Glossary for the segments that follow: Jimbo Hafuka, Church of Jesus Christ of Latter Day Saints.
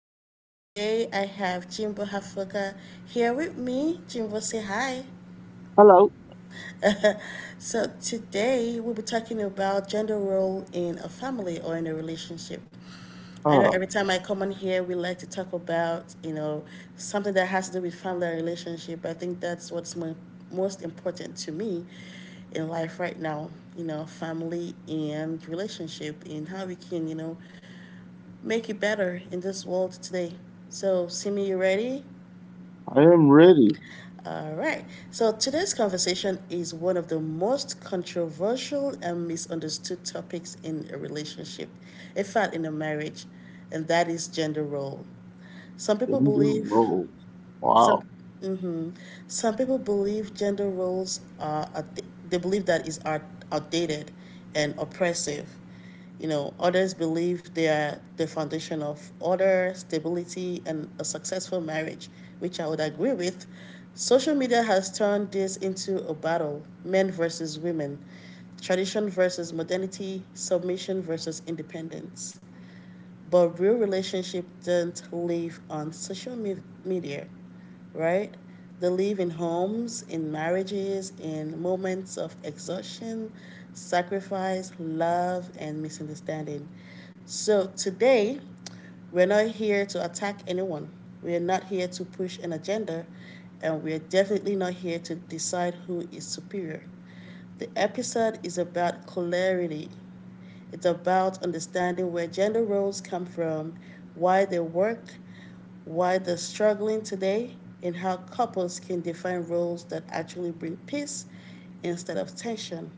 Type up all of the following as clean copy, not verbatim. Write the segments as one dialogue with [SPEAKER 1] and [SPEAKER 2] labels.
[SPEAKER 1] today. Today, I have Jimbo Hafuka here with me. Jimbo, say hi.
[SPEAKER 2] Hello.
[SPEAKER 1] So today we'll be talking about gender role in a family or in a relationship. I know
[SPEAKER 2] Uh,
[SPEAKER 1] every time I come on here, we like to talk about something that has to do with family and relationship. I think that's what's most important to me in life right now. You know, family and relationship, and how we can make it better in this world today. So, Simi, you ready?
[SPEAKER 2] I am ready.
[SPEAKER 1] All right. So today's conversation is one of the most controversial and misunderstood topics in a relationship, in fact, in a marriage, and that is gender role. Some people
[SPEAKER 2] Gender
[SPEAKER 1] believe
[SPEAKER 2] roles.
[SPEAKER 1] some,
[SPEAKER 2] Wow.
[SPEAKER 1] hmm Some people believe gender roles are, they believe that is outdated and oppressive. You know, others believe they are the foundation of order, stability, and a successful marriage, which I would agree with. Social media has turned this into a battle men versus women, tradition versus modernity, submission versus independence. But real relationship don't live on social media, right? They live in homes, in marriages, in moments of exhaustion, sacrifice, love, and misunderstanding. So today, we're not here to attack anyone. We are not here to push an agenda, and we are definitely not here to decide who is superior. The episode is about clarity. It's about understanding where gender roles come from, why they work, why they're struggling today, and how couples can define roles that actually bring peace instead of tension.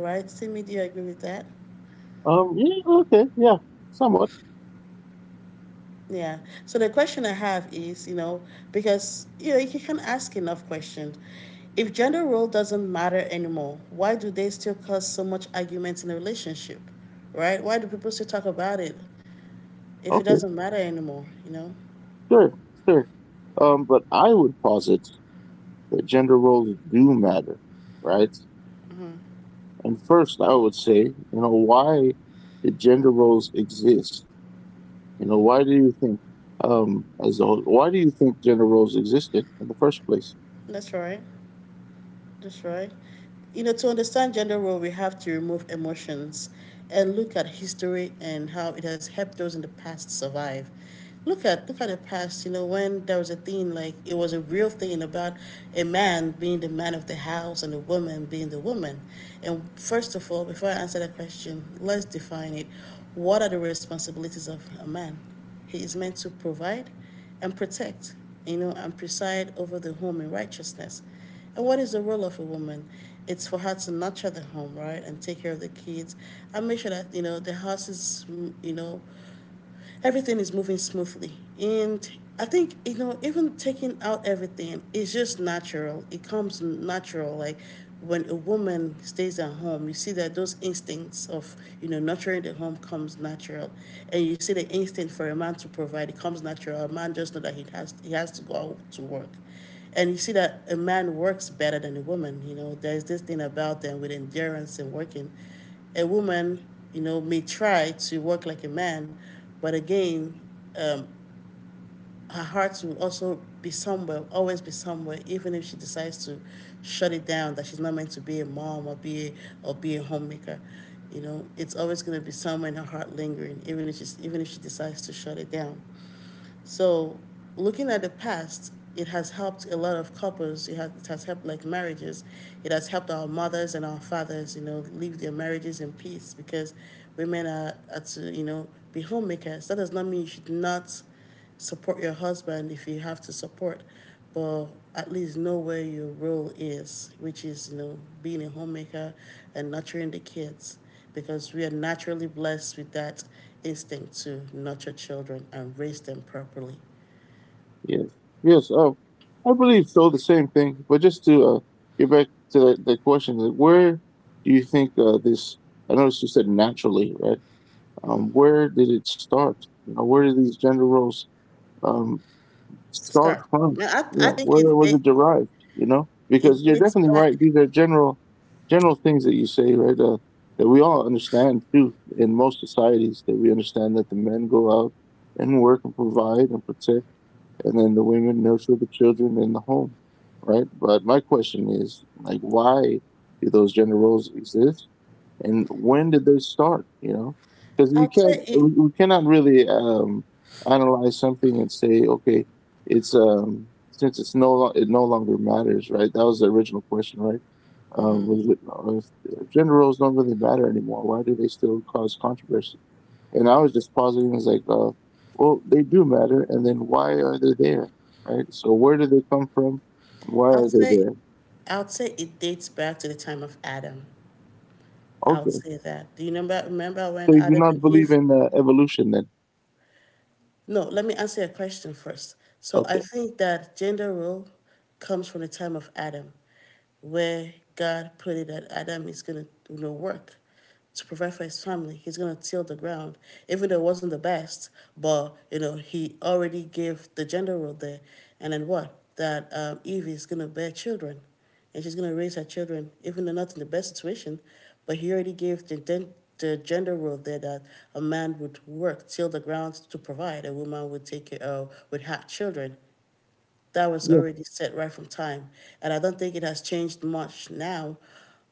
[SPEAKER 1] Right, Timmy, do you agree with that?
[SPEAKER 2] Um, yeah, okay, yeah, somewhat.
[SPEAKER 1] Yeah. So the question I have is, you know, because you know you can not ask enough questions. If gender role doesn't matter anymore, why do they still cause so much arguments in a relationship? Right? Why do people still talk about it if it
[SPEAKER 2] Okay,
[SPEAKER 1] doesn't matter anymore, you know?
[SPEAKER 2] sure, sure. But I would posit that gender roles do matter, right? And first, I would say, you know, why did gender roles exist? You know, why do you think, as a whole, why do you think gender roles existed in the first place?
[SPEAKER 1] That's right. That's right. You know, to understand gender role, we have to remove emotions and look at history and how it has helped those in the past survive. Look at the past, you know, when there was a thing like it was a real thing about a man being the man of the house and a woman being the woman. And first of all, before I answer that question, let's define it. What are the responsibilities of a man? He is meant to provide and protect, you know, and preside over the home in righteousness. And what is the role of a woman? It's for her to nurture the home, right, and take care of the kids, and make sure that you know the house is, you know, everything is moving smoothly. And I think, you know, even taking out everything is just natural. It comes natural. Like when a woman stays at home, you see that those instincts of, you know, nurturing the home comes natural. And you see the instinct for a man to provide, it comes natural. A man just know that he has to go out to work. And you see that a man works better than a woman, you know. There's this thing about them with endurance and working a woman, you know, may try to work like a man, but again, um, her heart will also be somewhere, always be somewhere, even if she decides to shut it down that she's not meant to be a mom or or be a homemaker. You know, it's always going to be somewhere in her heart lingering, even if she's, even if she decides to shut it down. So, looking at the past, it has helped a lot of couples. It has helped like marriages. It has helped our mothers and our fathers, you know, live their marriages in peace because women are to, you know, be homemakers. That does not mean you should not support your husband if you have to support, but at least know where your role is, which is, you know, being a homemaker and nurturing the kids, because we are naturally blessed with that instinct to nurture children and raise them properly.
[SPEAKER 2] Yes. Yes. Um, I believe so. The same thing, but just to get back to the question, like, where do you think this? I noticed you said naturally, right? Where did it start? You know, where did these gender roles um, start
[SPEAKER 1] Start.
[SPEAKER 2] from?
[SPEAKER 1] Now,
[SPEAKER 2] Yeah,
[SPEAKER 1] I think
[SPEAKER 2] where
[SPEAKER 1] it,
[SPEAKER 2] was
[SPEAKER 1] it
[SPEAKER 2] it derived? You know,
[SPEAKER 1] it
[SPEAKER 2] because you're
[SPEAKER 1] dates
[SPEAKER 2] definitely
[SPEAKER 1] back.
[SPEAKER 2] right. General things that you say, right? That we all understand too in most societies. That we understand that the men go out and work and provide and protect and then the women nurture the children in the home, right? But my question is, like, why do those gender roles exist, and when did they start? You know, because you
[SPEAKER 1] I'll say
[SPEAKER 2] can't,
[SPEAKER 1] it.
[SPEAKER 2] we cannot really analyze something and say, okay, it's since it no longer matters, right? That was the original question, right? Um, was it- uh, if, if gender roles don't really matter anymore, why do they still cause controversy? And I was just positing, it's like, well, they do matter, and then why are they there, right? So where do they come from, and why
[SPEAKER 1] I'll
[SPEAKER 2] are they
[SPEAKER 1] say.
[SPEAKER 2] there?
[SPEAKER 1] I'll say it dates back to the time of Adam. I'll
[SPEAKER 2] Okay,
[SPEAKER 1] say that. Do you remember when
[SPEAKER 2] so you do
[SPEAKER 1] Adam
[SPEAKER 2] not
[SPEAKER 1] and
[SPEAKER 2] believe
[SPEAKER 1] Eve.
[SPEAKER 2] in evolution then?
[SPEAKER 1] No, let me answer your question first. So I
[SPEAKER 2] Okay,
[SPEAKER 1] think that gender role comes from the time of Adam, where God put it that Adam is going to you know, work to provide for his family. He's going to till the ground, even though it wasn't the best, but you know he already gave the gender role there. And then what? That Eve is going to bear children and she's going to raise her children, even though not in the best situation. But he already gave the gender role there that a man would work, till the ground to provide, a woman would take care of, would have children. That was
[SPEAKER 2] yeah,
[SPEAKER 1] already set right from time. And I don't think it has changed much now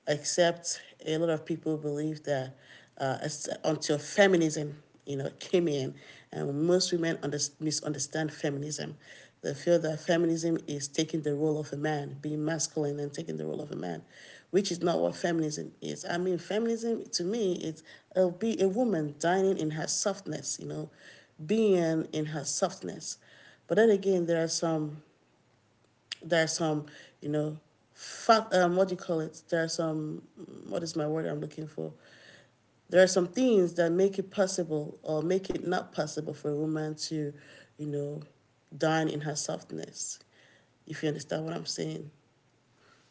[SPEAKER 1] except a lot of people believe that uh, until feminism, you know, came in, and most women misunderstand feminism. They feel that feminism is taking the role of a man, being masculine and taking the role of a man, which is not what feminism is. I mean, feminism to me is it'll be a woman dining in her softness, you know, being in her softness. But then again, there are some, you know, fact. What do you call it? There are some. What is my word I'm looking for? There are some things that make it possible or make it not possible for a woman to, you know, dine in her softness. If you understand what I'm saying.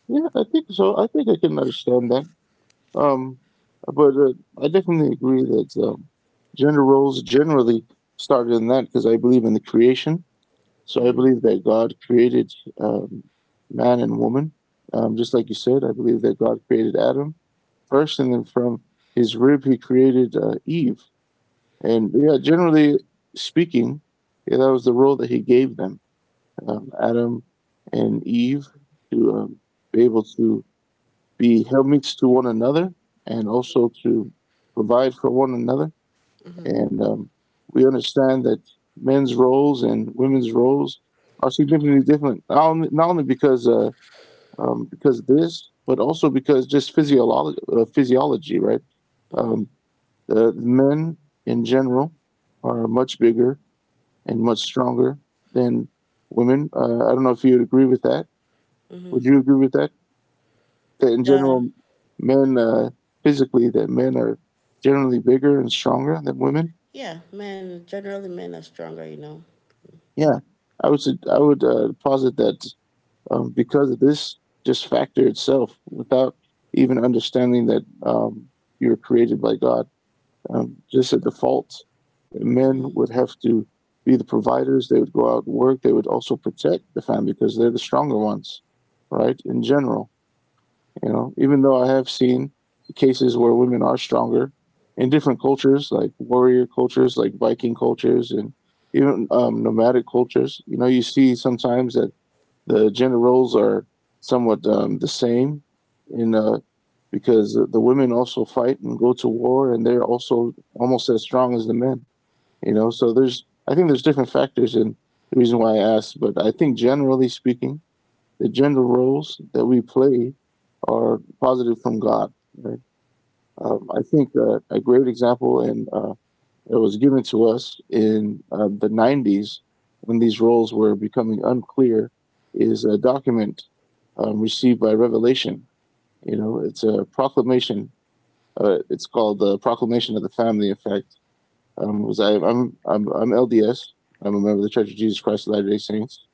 [SPEAKER 2] yeah, I think so. I think I can understand that. Um, but I definitely agree that gender roles generally started in that because I believe in the creation. So I believe that God created um, man and woman, just like you said. I believe that God created Adam first, and then from his rib he created Eve. And yeah, generally speaking, yeah, that was the role that he gave them, Adam and Eve, to be able to be helpmates to one another and also to provide for one another. And We understand that men's roles and women's roles are significantly different, not only because of this, but also because just physiology, physiology, right? Um, the men in general are much bigger and much stronger than women. I don't know if you would agree with that. Would you agree with that? That in
[SPEAKER 1] Yeah.
[SPEAKER 2] general, men physically, that men are generally bigger and stronger than women?
[SPEAKER 1] Yeah. Men generally men are stronger. You know.
[SPEAKER 2] Yeah, I would posit that because of this just factor itself, without even understanding that you were created by God, just a default, men would have to be the providers. They would go out and work. They would also protect the family because they're the stronger ones, right? In general, you know, even though I have seen cases where women are stronger in different cultures, like warrior cultures, like Viking cultures, and even nomadic cultures. You know, you see sometimes that the gender roles are somewhat the same, in because the women also fight and go to war, and they're also almost as strong as the men. You know, so there's I think there's different factors in the reason why I asked, but I think generally speaking, the gender roles that we play are positive from God. Right? I think A great example, and it was given to us in the 90s when these roles were becoming unclear, is a document received by Revelation. You know, it's a proclamation. It's called the Proclamation of the Family. In fact, was I, I'm LDS. I'm a member of the Church of Jesus Christ of Latter Day Saints,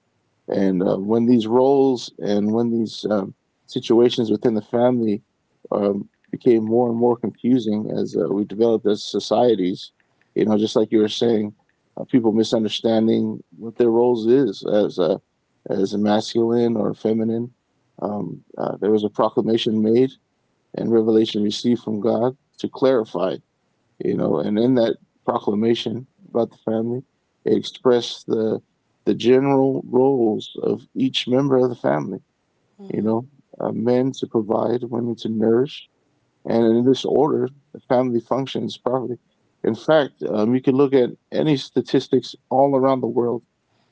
[SPEAKER 2] and when these roles and when these situations within the family became more and more confusing as we developed as societies, you know, just like you were saying, people misunderstanding what their roles is as as a masculine or feminine. There was a proclamation made and revelation received from God to clarify, you know. And in that proclamation about the family, it expressed the general roles of each member of the family, you know, men to provide, women to nourish, and in this order the family functions properly. In fact, you can look at any statistics all around the world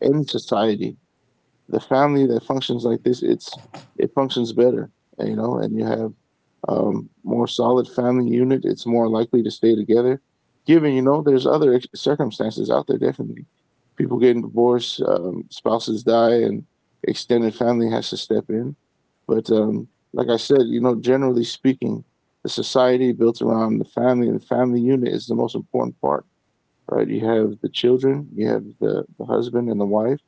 [SPEAKER 2] in society. The family that functions like this, it functions better, you know. And you have more solid family unit, it's more likely to stay together. Given, you know, there's other circumstances out there, definitely. People getting divorced, spouses die, and extended family has to step in. But like I said, you know, generally speaking, the society built around the family and the family unit is the most important part, right? You have the children, you have the husband and the wife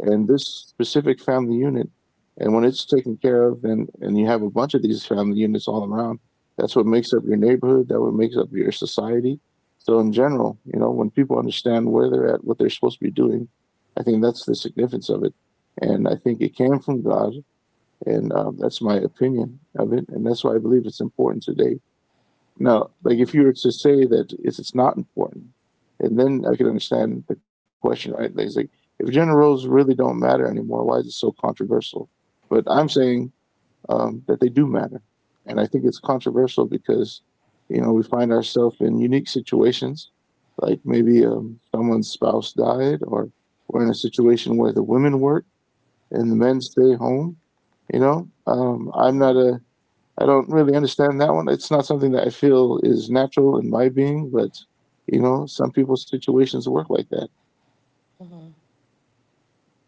[SPEAKER 2] and this specific family unit, and when it's taken care of, and you have a bunch of these family units all around, that's what makes up your neighborhood, that what makes up your society. So in general, you know, when people understand where they're at, what they're supposed to be doing, I think that's the significance of it. And I think it came from God. And That's my opinion of it, and that's why I believe it's important today. No, like if you were to say that it's not important, and then I could understand the question, right? Like, it's like if gender roles really don't matter anymore, why is it so controversial? But I'm saying that they do matter, and I think it's controversial because you know we find ourselves in unique situations, like maybe
[SPEAKER 1] Mm,
[SPEAKER 2] someone's spouse died, or we're in a situation where the women work and the men stay home. You know, I'm not a I don't really understand that one. It's not something that I feel is natural in my being, but you know, some people's situations work like that.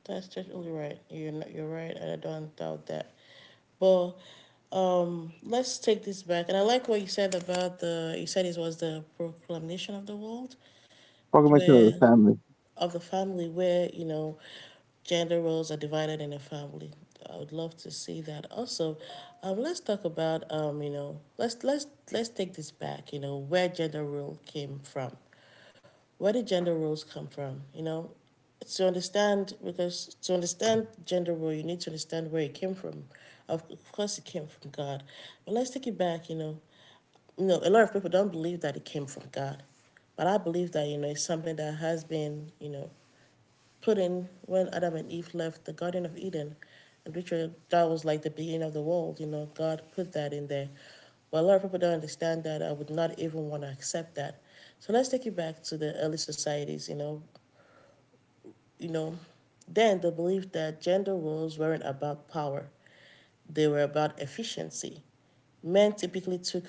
[SPEAKER 1] that's totally right. You're not, you're right, and I don't doubt that. But let's take this back. And I like what you said about the. You said it was the proclamation of the world.
[SPEAKER 2] Amalgamation of the
[SPEAKER 1] Where
[SPEAKER 2] family.
[SPEAKER 1] of the family where you know gender roles are divided in a family. I would love to see that. Also, let's talk about you know, let's take this back. You know, where gender role came from. Where did gender roles come from? You know, to understand because to understand gender role, you need to understand where it came from. Of course, it came from God, but let's take it back. You know, a lot of people don't believe that it came from God. But I believe that, you know, it's something that has been, you know, put in when Adam and Eve left the Garden of Eden, and which were, that was like the beginning of the world. You know, God put that in there. But a lot of people don't understand that. I would not even want to accept that. So let's take it back to the early societies. You know, then the belief that gender roles weren't about power; they were about efficiency. Men typically took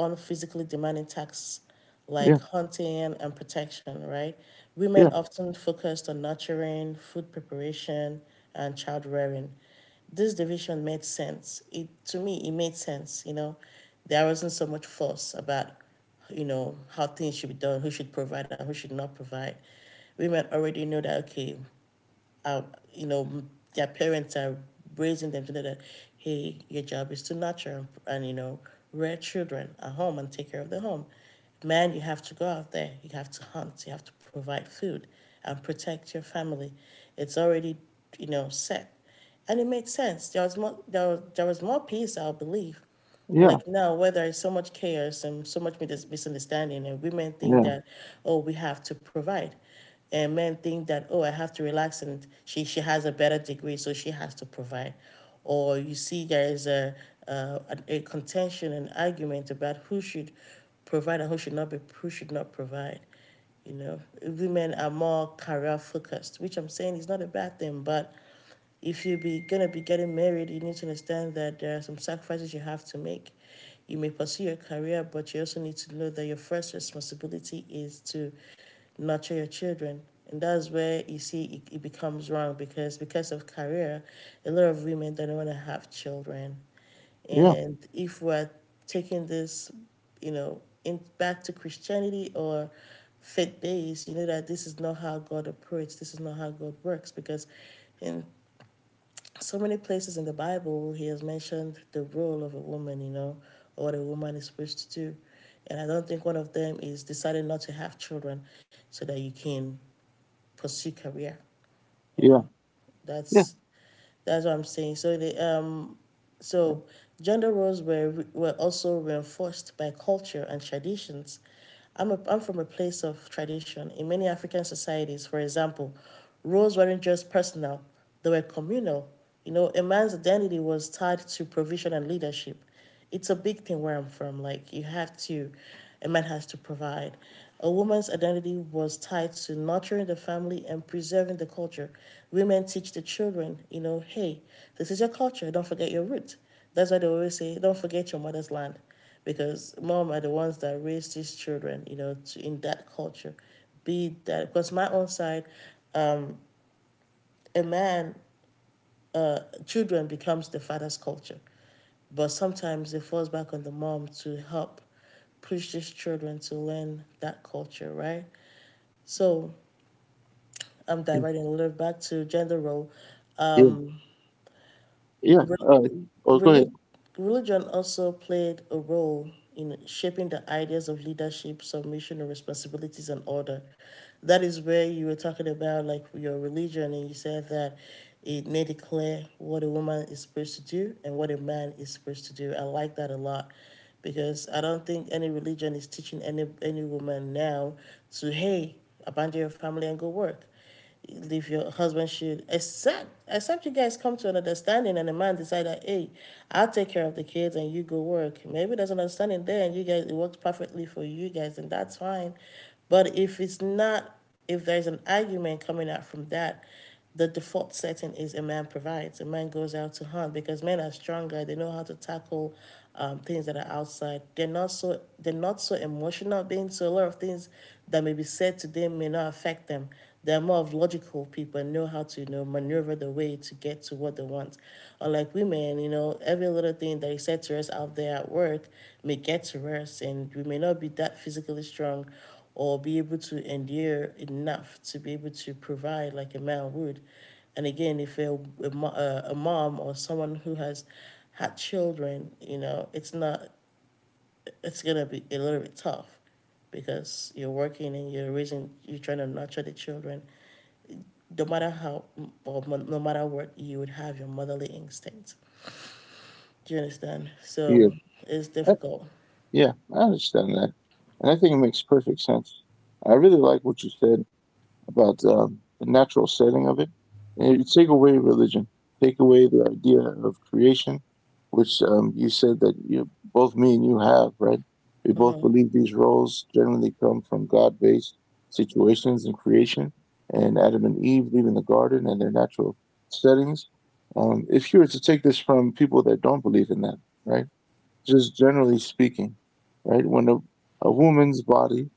[SPEAKER 1] on physically demanding tasks
[SPEAKER 2] Yeah,
[SPEAKER 1] like hunting and protection, right? Women
[SPEAKER 2] yeah,
[SPEAKER 1] often focused on nurturing, food preparation, and child rearing. This division made sense. It to me, it made sense. You know, there wasn't so much fuss about, you know, how things should be done, who should provide and who should not provide. Women already know that okay, uh, you know, their parents are raising them to know that, hey, your job is to nurture and, you know, rear children at home and take care of the home. Man, you have to go out there. You have to hunt. You have to provide food and protect your family. It's already, you know, set, and it made sense. There was more. There was more peace, I believe,
[SPEAKER 2] yeah,
[SPEAKER 1] like now where there is so much chaos and so much misunderstanding and women think
[SPEAKER 2] yeah,
[SPEAKER 1] that oh we have to provide and men think that oh I have to relax and she has a better degree so she has to provide or you see there is a uh, a contention and argument about who should provide and who should not be who should not provide. You know women are more career focused which I'm saying is not a bad thing but if you're gonna be getting married, you need to understand that there are some sacrifices you have to make. You may pursue your career, but you also need to know that your first responsibility is to nurture your children. And that's where you see it, it becomes wrong because of career, a lot of women don't want to have children.
[SPEAKER 2] yeah,
[SPEAKER 1] And if we're taking this, you know, in back to Christianity or faith based, you know that this is not how God operates. This is not how God works because in so many places in the Bible, he has mentioned the role of a woman, you know, or what a woman is supposed to do. And I don't think one of them is deciding not to have children so that you can pursue career, you
[SPEAKER 2] yeah,
[SPEAKER 1] know.
[SPEAKER 2] yeah,
[SPEAKER 1] That's that's what I'm saying. So the so gender roles were also reinforced by culture and traditions. I'm from a place of tradition. In many African societies, for example, roles weren't just personal, they were communal, you know, a man's identity was tied to provision and leadership. It's a big thing where I'm from. A man has to provide. A woman's identity was tied to nurturing the family and preserving the culture. Women teach the children, you know, hey, this is your culture, don't forget your roots. That's why they always say, don't forget your mother's land, because mom are the ones that raised these children, you know, to, in that culture. Be that because my own side, a man, uh, children becomes the father's culture. But sometimes it falls back on the mom to help push these children to learn that culture, right? So I'm diverting a little back to gender role.
[SPEAKER 2] yeah, yeah.
[SPEAKER 1] Re-
[SPEAKER 2] Oh, go ahead.
[SPEAKER 1] relig- religion also played a role in shaping the ideas of leadership, submission, and responsibilities and order. That is where you were talking about like your religion, and you said that it made it clear what a woman is supposed to do and what a man is supposed to do. I like that a lot because I don't think any religion is teaching any woman now to hey abandon your family and go work, leave your husband, should accept, except you guys come to an understanding and the man decide that hey, I'll take care of the kids and you go work. Maybe there's an understanding there and you guys, it works perfectly for you guys and that's fine. But if it's not, if there's an argument coming out from that, the default setting is a man provides, a man goes out to hunt because men are stronger, they know how to tackle things that are outside. They're not so, they're not so emotional being, so a lot of things that may be said today may not affect them. They're more of logical people and know how to, you know, maneuver the way to get to what they want. Unlike women, you know, every little thing that is said to us out there at work may get to us, and we may not be that physically strong or be able to endure enough to be able to provide like a man would. And again, if a mom or someone who has had children, you know, it's not, it's gonna be a little bit tough because you're working and you're raising, you're trying to nurture the children. No matter how, or no matter what, you would have your motherly instinct. Do you understand?
[SPEAKER 2] Yeah.
[SPEAKER 1] So it's difficult.
[SPEAKER 2] Yeah, I understand that. And I think it makes perfect sense. I really like what you said about the natural setting of it. And you take away religion, take away the idea of creation, which you said that you, both me and you have, right? We both
[SPEAKER 1] Uh-huh,
[SPEAKER 2] believe these roles generally come from God based situations in creation and Adam and Eve leaving the garden and their natural settings. If you were to take this from people that don't believe in that, right? Just generally speaking, right? When a woman's body,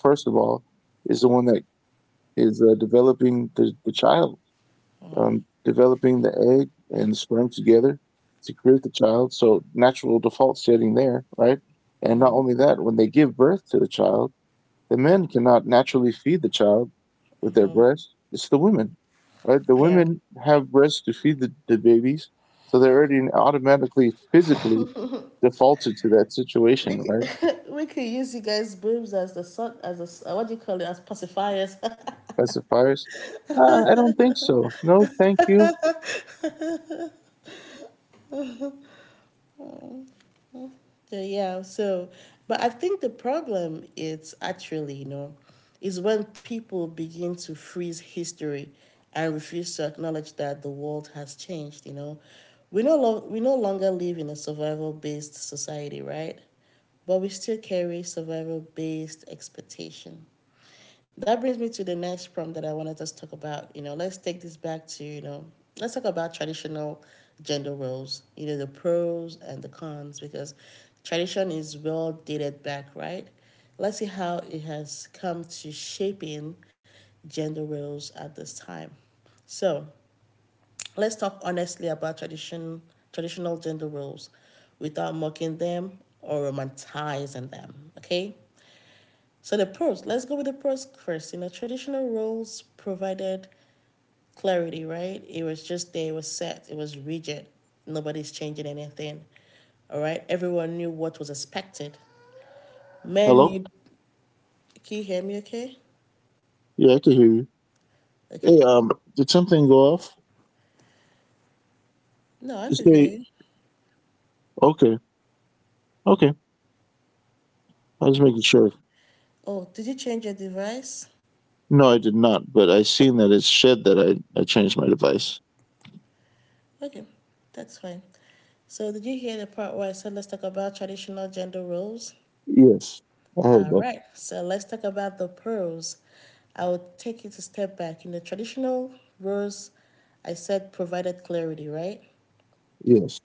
[SPEAKER 2] first of all, is the one that is developing the child,
[SPEAKER 1] uh-huh.
[SPEAKER 2] developing the egg and sperm together to create the child. So, natural default setting there, right? And not only that, when they give birth to the child, the men cannot naturally feed the child with their breasts. It's the women, right? The
[SPEAKER 1] Yeah.
[SPEAKER 2] women have breasts to feed the babies. So, they're already automatically physically defaulted to that
[SPEAKER 1] We
[SPEAKER 2] situation, right?
[SPEAKER 1] could, we could use you guys' boobs as the sort as a what do you call it, as pacifiers.
[SPEAKER 2] Pacifiers? I don't think so. No, thank you.
[SPEAKER 1] So, yeah, so, but I think the problem is actually, you know, is when people begin to freeze history and refuse to acknowledge that the world has changed, you know. We no longer live in a survival based society, right? But we still carry survival based expectation. That brings me to the next prompt that I wanted us to talk about. You know, let's take this back to, you know, let's talk about traditional gender roles, you know, the pros and the cons, because tradition is well dated back, right? Let's see how it has come to shaping gender roles at this time. So let's talk honestly about tradition, traditional gender roles without mocking them or romanticizing them, okay? So the pros, let's go with the pros first. You know, traditional roles provided clarity, right? It was just there, it was set, it was rigid. Nobody's changing anything. All right. Everyone knew what was expected. Men
[SPEAKER 2] Hello?
[SPEAKER 1] knew, can you hear me okay?
[SPEAKER 2] Yeah, I can hear you. Hey,
[SPEAKER 1] Okay.
[SPEAKER 2] did something go off?
[SPEAKER 1] No, I
[SPEAKER 2] Just
[SPEAKER 1] could hear
[SPEAKER 2] say,
[SPEAKER 1] you.
[SPEAKER 2] okay, okay. I was making sure.
[SPEAKER 1] Oh, did you change your device?
[SPEAKER 2] No, I did not, but I seen that it said that I changed my device.
[SPEAKER 1] Okay, that's fine. So did you hear the part where I said let's talk about traditional gender roles?
[SPEAKER 2] Yes, I heard
[SPEAKER 1] All
[SPEAKER 2] that.
[SPEAKER 1] right, so let's talk about the pearls. I will take it a step back. In the traditional rose, I said provided clarity, right?
[SPEAKER 2] Yes.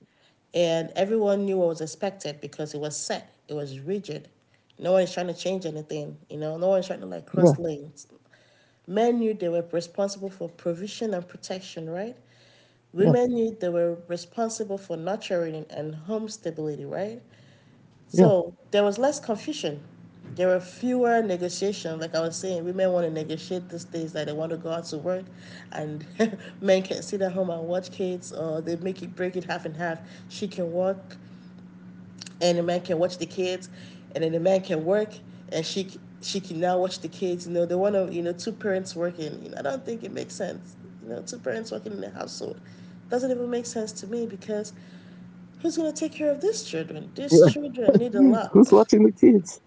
[SPEAKER 1] And everyone knew what was expected because it was set, it was rigid. No one is trying to change anything, you know, no one's trying to like
[SPEAKER 2] Yeah,
[SPEAKER 1] cross lanes. Men knew they were responsible for provision and protection, right?
[SPEAKER 2] yeah,
[SPEAKER 1] Women knew they were responsible for nurturing and home stability, right?
[SPEAKER 2] yeah,
[SPEAKER 1] So there was less confusion. There were fewer negotiations. Like I was saying, women want to negotiate these days that they want to go out to work and men can sit at home and watch kids, or they make it break it half and half. She can work and the man can watch the kids, and then the man can work and she can now watch the kids. You know, they want to, you know, two parents working. You know, I don't think it makes sense. You know, two parents working in the household doesn't even make sense to me because who's going to take care of these children? These children need a
[SPEAKER 2] yeah. Who's
[SPEAKER 1] lot.
[SPEAKER 2] watching the kids?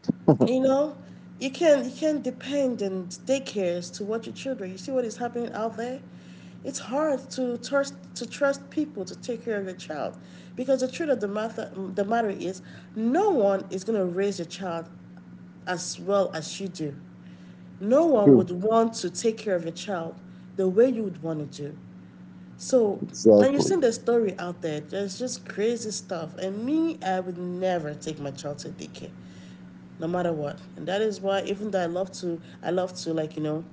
[SPEAKER 1] You know, you can, you can not depend on daycares to watch your children. You see what is happening out there. It's hard to trust people to take care of your child, because the truth of the matter is, no one is gonna raise your child as well as you do. No one
[SPEAKER 2] True.
[SPEAKER 1] would want to take care of your child the way you would want to do. So, and you've seen
[SPEAKER 2] Exactly.
[SPEAKER 1] the story out there. There's just crazy stuff, and me, I would never take my child to daycare no matter what. And that is why even though I love to like, you know,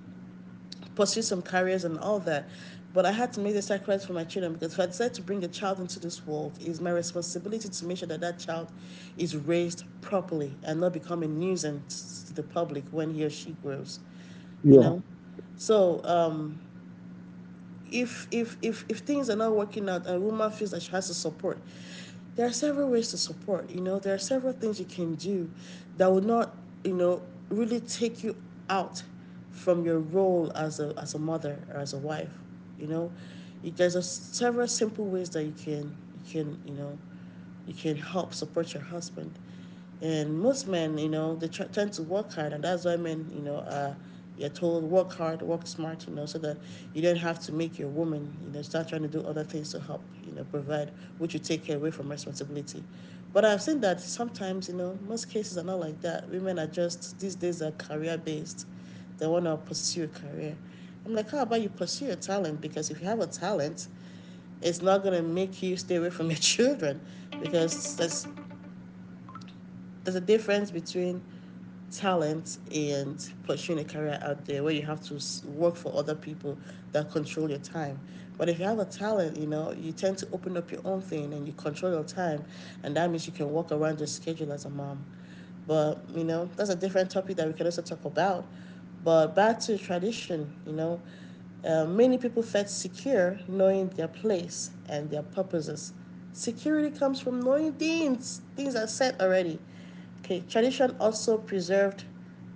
[SPEAKER 1] pursue some careers and all that. But I had to make the sacrifice for my children because if I decide to bring a child into this world, it's my responsibility to make sure that that child is raised properly and not become a nuisance to the public when he or she grows, you
[SPEAKER 2] Yeah,
[SPEAKER 1] know? So, if things are not working out and a woman feels that she has to support, there are several ways to support. You know, there are several things you can do that will not, you know, really take you out from your role as a mother or as a wife. You know, there's a, several simple ways that you can you know you can help support your husband. And most men, you know, they try tend to work hard, and that's why men, you know, you're told work hard, work smart, you know, so that you don't have to make your woman, you know, start trying to do other things to help, you know, provide, which you take away from responsibility. But I've seen that sometimes, you know, most cases are not like that. Women are just these days are career based; they want to pursue a career. I'm like, how about you pursue your talent? Because if you have a talent, it's not going to make you stay away from your children because there's a difference between talent and pursuing a career out there where you have to work for other people that control your time. But if you have a talent, you know, you tend to open up your own thing and you control your time, and that means you can work around your schedule as a mom. But, you know, that's a different topic that we can also talk about. But back to tradition, you know, many people felt secure knowing their place and their purposes. Security comes from knowing things, things are set already. Okay, tradition also preserved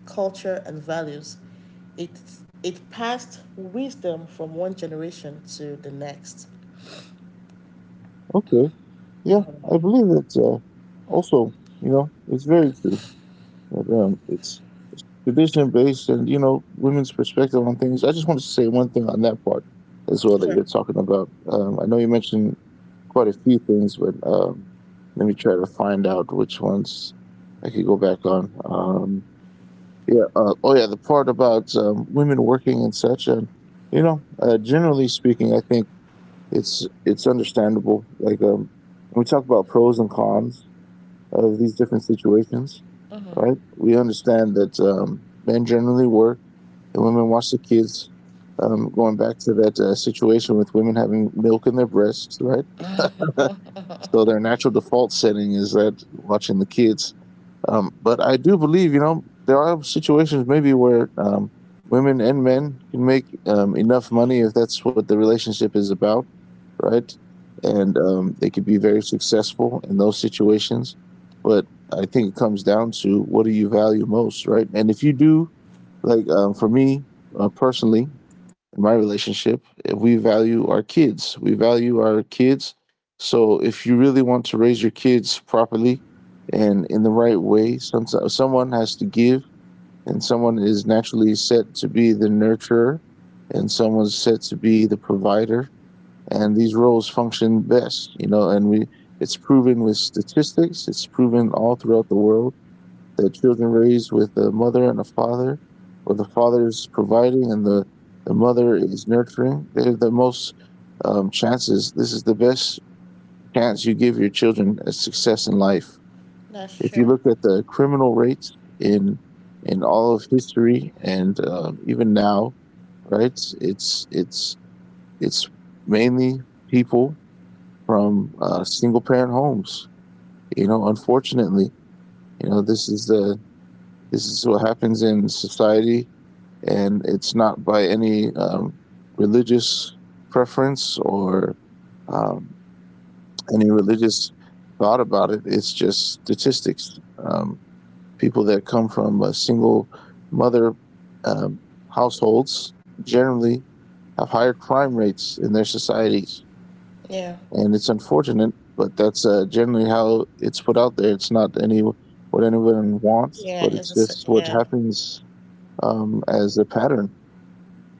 [SPEAKER 1] culture and values. It it passed wisdom from one generation to the next.
[SPEAKER 2] okay. Yeah, I believe that also, you know, it's very true that it's tradition based, and you know women's perspective on things. I just want to say one thing on that part as well that
[SPEAKER 1] Sure,
[SPEAKER 2] you're talking about. I know you mentioned quite a few things, but let me try to find out which ones I could go back on. Yeah. Oh yeah, the part about women working and such, and you know, generally speaking, I think it's understandable. Like when we talk about pros and cons of these different situations, right? We understand that men generally work, the women watch the kids, going back to that situation with women having milk in their breasts, right? So their natural default setting is that watching the kids. But I do believe, you know, there are situations maybe where women and men can make enough money if that's what the relationship is about, right? And they could be very successful in those situations. But I think it comes down to what do you value most, right? And if you do, like for me personally, in my relationship, we value our kids. We value our kids. So if you really want to raise your kids properly and in the right way, someone has to give, and someone is naturally set to be the nurturer, and someone's set to be the provider. And these roles function best, you know, and we it's proven with statistics, it's proven all throughout the world, the children raised with a mother and a father, where the father is providing and the mother is nurturing, they're the most chances. This is the best chance you give your children at success in life.
[SPEAKER 1] that's
[SPEAKER 2] If you
[SPEAKER 1] true.
[SPEAKER 2] look at the criminal rates in all of history and even now, right? It's it's mainly people from single parent homes. You know, unfortunately, you know, this is what happens in society, and it's not by any religious preference or um, any religious thought about it. It's just statistics. Um, People that come from single mother um, households generally have higher crime rates in their societies,
[SPEAKER 1] Yeah,
[SPEAKER 2] and it's unfortunate, but that's generally how it's put out there. It's not any what anyone wants,
[SPEAKER 1] yeah,
[SPEAKER 2] but
[SPEAKER 1] it's
[SPEAKER 2] it's
[SPEAKER 1] a s-
[SPEAKER 2] just what
[SPEAKER 1] yeah,
[SPEAKER 2] happens as a pattern.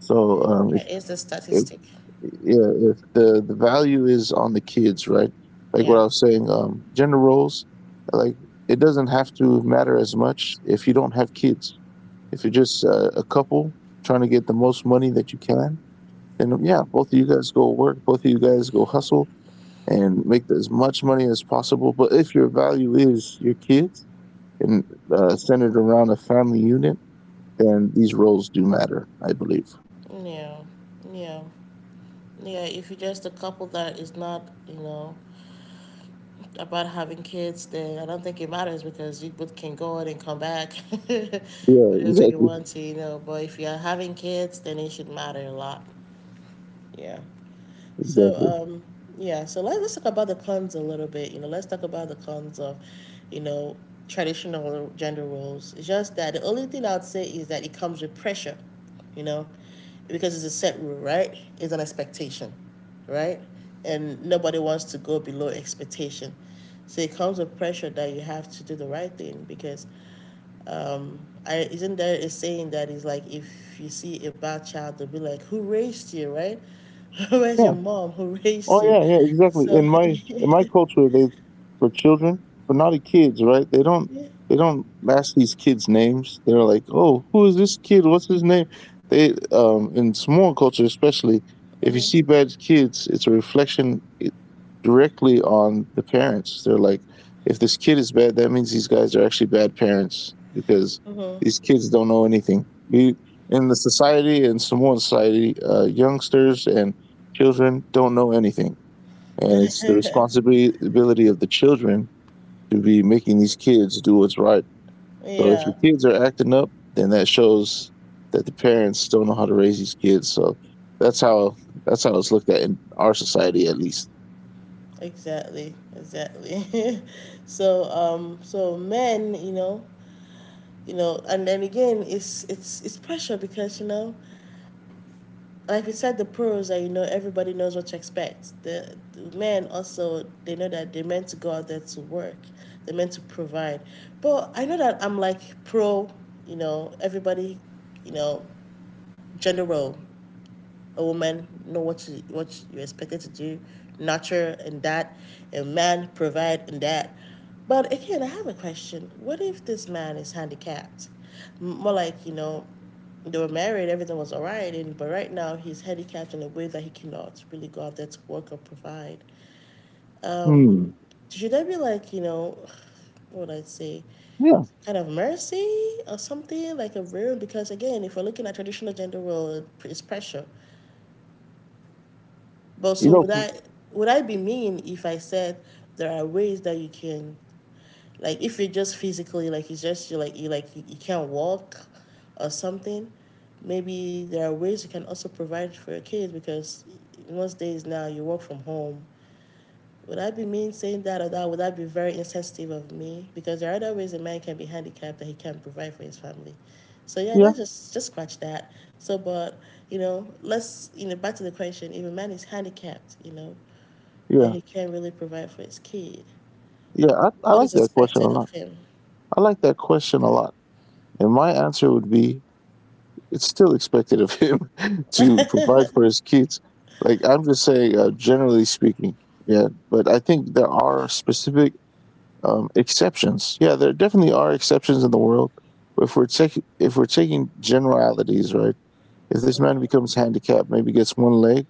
[SPEAKER 2] So
[SPEAKER 1] yeah, it's a
[SPEAKER 2] if,
[SPEAKER 1] statistic.
[SPEAKER 2] yeah, if the value is on the kids, right? Like what I
[SPEAKER 1] Yeah,
[SPEAKER 2] was saying, gender roles, like it doesn't have to matter as much if you don't have kids. If you're just a couple trying to get the most money that you can, then yeah, both of you guys go work, both of you guys go hustle and make as much money as possible. But if your value is your kids and centered around a family unit, then these roles do matter, I believe.
[SPEAKER 1] yeah, yeah, yeah. If you just a couple that is not, you know, about having kids then I don't think it matters because you both can go out and come back
[SPEAKER 2] Yeah,
[SPEAKER 1] whenever you
[SPEAKER 2] exactly,
[SPEAKER 1] want to, you know. But if you're having kids, then it should matter a lot. Yeah. So
[SPEAKER 2] exactly.
[SPEAKER 1] um, yeah, so let's talk about the cons a little bit. You know, let's talk about the cons of, you know, traditional gender roles. It's just that the only thing I'd say is that it comes with pressure, you know, because it's a set rule, right? It's an expectation, right? And nobody wants to go below expectation. So it comes with pressure that you have to do the right thing because um, isn't there a saying that is like if you see a bad child, they'll be like, "Who raised you?" Right? Where's your mom? Who
[SPEAKER 2] Oh
[SPEAKER 1] raised you?
[SPEAKER 2] yeah, yeah, exactly.
[SPEAKER 1] So,
[SPEAKER 2] In my
[SPEAKER 1] yeah.
[SPEAKER 2] culture, they for children, but not the kids, right? They don't ask these kids names. They're like, oh, who is this kid? What's his name? They in Samoan culture, especially if you see bad kids, it's a reflection directly on the parents. They're like, if this kid is bad, that means these guys are actually bad parents because
[SPEAKER 1] Mhm.
[SPEAKER 2] these kids don't know anything. We In the society, in Samoan society, youngsters and children don't know anything. And it's the responsibility of the children to be making these kids do what's right. So if your
[SPEAKER 1] Yeah,
[SPEAKER 2] kids are acting up, then that shows that the parents don't know how to raise these kids. So that's how that's how it's looked at in our society, at least.
[SPEAKER 1] exactly, exactly. So, so men, you know, and then again, it's pressure because you know, like we said, the pros are you know everybody knows what to expect. The men also they know that they're meant to go out there to work, they're meant to provide. But I know that I'm like pro, you know, everybody, you know, general a woman know what you're expected to do, nurture and that, and man provide and that. But again, I have a question. What if this man is handicapped? More like you know, they were married, everything was alright, and but right now he's handicapped in a way that he cannot really go out there to work or provide. Um,
[SPEAKER 2] Hmm.
[SPEAKER 1] should I be like you know, what would I say?
[SPEAKER 2] Yeah.
[SPEAKER 1] Kind of mercy or something like a room because again, if we're looking at traditional gender role, it's pressure. But
[SPEAKER 2] You
[SPEAKER 1] so
[SPEAKER 2] know.
[SPEAKER 1] would I be mean if I said there are ways that you can like if you're just physically like it's just you, you can't walk or something, maybe there are ways you can also provide for your kids because most days now you work from home. Would I be mean saying that or that? Would that be very insensitive of me? Because there are other ways a man can be handicapped that he can't provide for his family. So yeah,
[SPEAKER 2] Yeah.
[SPEAKER 1] let's just scratch that. So but you know, let's you know back to the question. If a man is handicapped, you know, and
[SPEAKER 2] Yeah.
[SPEAKER 1] he can't really provide for his kid,
[SPEAKER 2] Yeah. I
[SPEAKER 1] what
[SPEAKER 2] like
[SPEAKER 1] is
[SPEAKER 2] that question a
[SPEAKER 1] expected of
[SPEAKER 2] lot.
[SPEAKER 1] him?
[SPEAKER 2] I like that question a lot. And my answer would be it's still expected of him to provide for his kids. Like I'm just saying, generally speaking, yeah. But I think there are specific exceptions. Yeah, there definitely are exceptions in the world. But if we're taking generalities, right? If this man becomes handicapped, maybe gets one leg,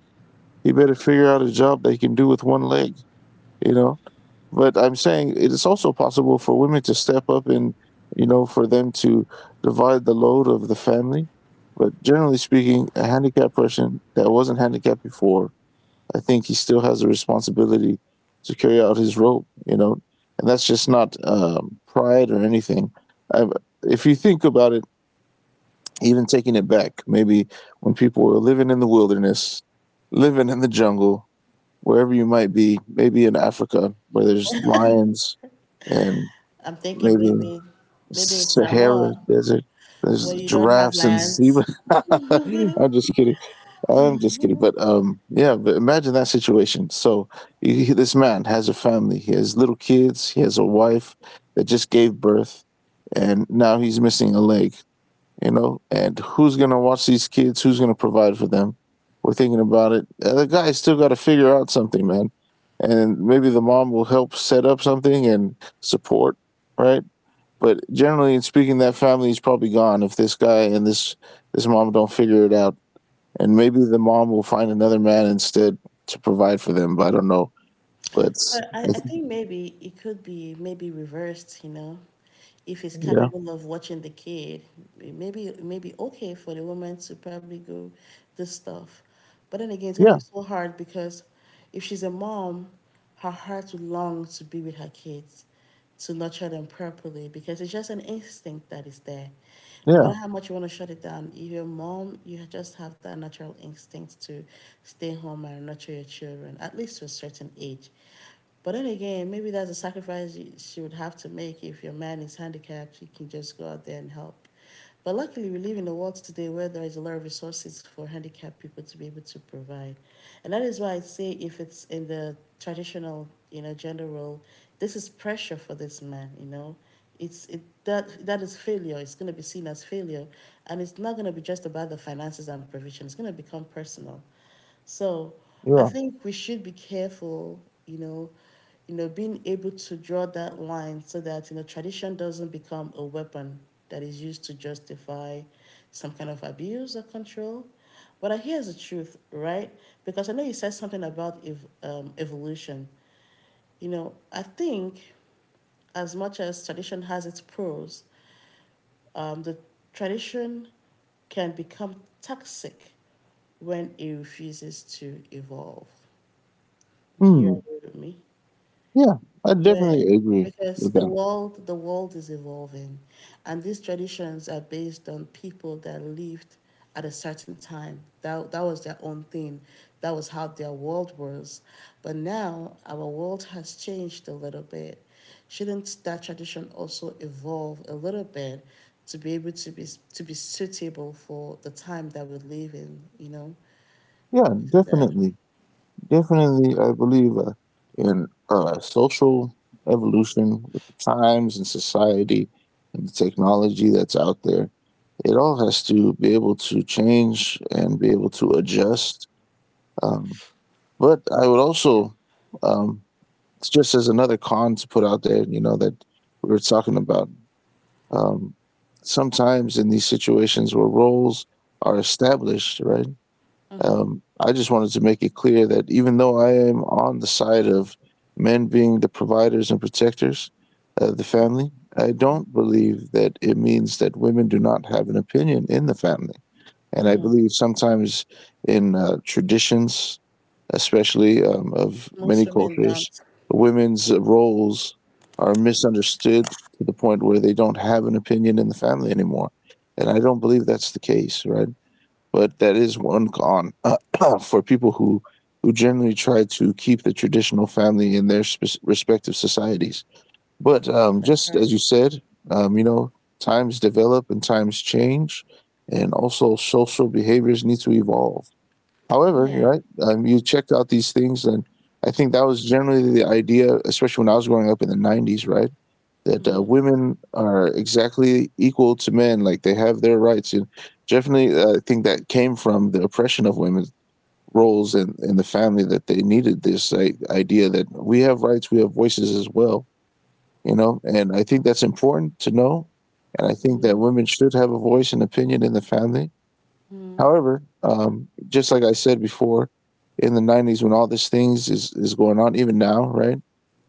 [SPEAKER 2] he better figure out a job that he can do with one leg, you know. But I'm saying it is also possible for women to step up and, you know, for them to divide the load of the family. But generally speaking, a handicapped person that wasn't handicapped before, I think he still has a responsibility to carry out his role, you know, and that's just not pride or anything. I, if you think about it, even taking it back, maybe when people were living in the wilderness, living in the jungle, wherever you might be, maybe in Africa where there's lions and
[SPEAKER 1] I'm thinking
[SPEAKER 2] maybe
[SPEAKER 1] maybe maybe in
[SPEAKER 2] Sahara
[SPEAKER 1] Samoa
[SPEAKER 2] desert. There's
[SPEAKER 1] where you don't have
[SPEAKER 2] giraffes and zebra.
[SPEAKER 1] lands.
[SPEAKER 2] I'm just kidding. I'm just kidding. But yeah. But imagine that situation. So you, this man has a family. He has little kids. He has a wife that just gave birth, and now he's missing a leg, you know. And who's going to watch these kids, who's going to provide for them? We're thinking about it. The guy's still got to figure out something, man. And maybe the mom will help set up something and support, right? But generally in speaking, that family is probably gone if this guy and this mom don't figure it out. And maybe the mom will find another man instead to provide for them, but I don't know. But
[SPEAKER 1] But I,
[SPEAKER 2] I
[SPEAKER 1] I
[SPEAKER 2] think-
[SPEAKER 1] think maybe it could be maybe reversed, you know, if he's
[SPEAKER 2] yeah,
[SPEAKER 1] capable of watching the kid, maybe okay for the woman to probably go do stuff. But then again, it's gonna
[SPEAKER 2] yeah,
[SPEAKER 1] be so hard because if she's a mom, her heart will long to be with her kids to nurture them properly because it's just an instinct that is there. No matter
[SPEAKER 2] yeah,
[SPEAKER 1] how much you want to shut it down, if you're a mom, you just have that natural instinct to stay home and nurture your children, at least to a certain age. But then again, maybe that's a sacrifice she would have to make. If your man is handicapped, he can just go out there and help. But luckily, we live in a world today where there is a lot of resources for handicapped people to be able to provide. And that is why I say if it's in the traditional, you know, gender role, this is pressure for this man, you know. It's it that that is failure. It's gonna be seen as failure. And it's not gonna be just about the finances and provision. It's gonna become personal. So I
[SPEAKER 2] yeah.
[SPEAKER 1] think we should be careful, you know, you know, being able to draw that line so that, you know, tradition doesn't become a weapon that is used to justify some kind of abuse or control. But here's the truth, right? Because I know you said something about evolution. You know, I think as much as tradition has its pros, the tradition can become toxic when it refuses to evolve. Do you
[SPEAKER 2] Hmm.
[SPEAKER 1] agree with me?
[SPEAKER 2] Yeah, I
[SPEAKER 1] Where
[SPEAKER 2] definitely agree
[SPEAKER 1] because
[SPEAKER 2] with
[SPEAKER 1] the
[SPEAKER 2] them.
[SPEAKER 1] world the world is evolving and these traditions are based on people that lived at a certain time. That that was their own thing. That was how their world was. But now our world has changed a little bit. Shouldn't that tradition also evolve a little bit to be able to be suitable for the time that we live in, you know?
[SPEAKER 2] Yeah,
[SPEAKER 1] Isn't that
[SPEAKER 2] definitely. Definitely, I believe in social evolution with the times and society and the technology that's out there. It all has to be able to change and be able to adjust. Um, but I would also, um, it's just as another con to put out there, you know, that we were talking about, um, sometimes in these situations where roles are established, right? I just wanted to make it clear that even though I am on the side of men being the providers and protectors of the family, I don't believe that it means that women do not have an opinion in the family. And I believe sometimes in traditions, especially of
[SPEAKER 1] most
[SPEAKER 2] many
[SPEAKER 1] women
[SPEAKER 2] cultures,
[SPEAKER 1] dance?
[SPEAKER 2] women's roles are misunderstood to the point where they don't have an opinion in the family anymore. And I don't believe that's the case, right? But that is one con, for people who generally try to keep the traditional family in their respective societies. But
[SPEAKER 1] That's right.
[SPEAKER 2] just as you said, you know, times develop and times change, and also social behaviors need to evolve.
[SPEAKER 1] Yeah.
[SPEAKER 2] However, you're right, you checked out these things, and I think that was generally the idea, especially when I was growing up in the 90s, right? That
[SPEAKER 1] Mm-hmm.
[SPEAKER 2] women are exactly equal to men, like they have their rights. And definitely, I think that came from the oppression of women's roles and in the family, that they needed this idea that we have rights, we have voices as well, you know. And I think that's important to know, and I think
[SPEAKER 1] Mm-hmm.
[SPEAKER 2] that women should have a voice and opinion in the family. However, just like I said before, in the 90s, when all these things is going on, even now, right?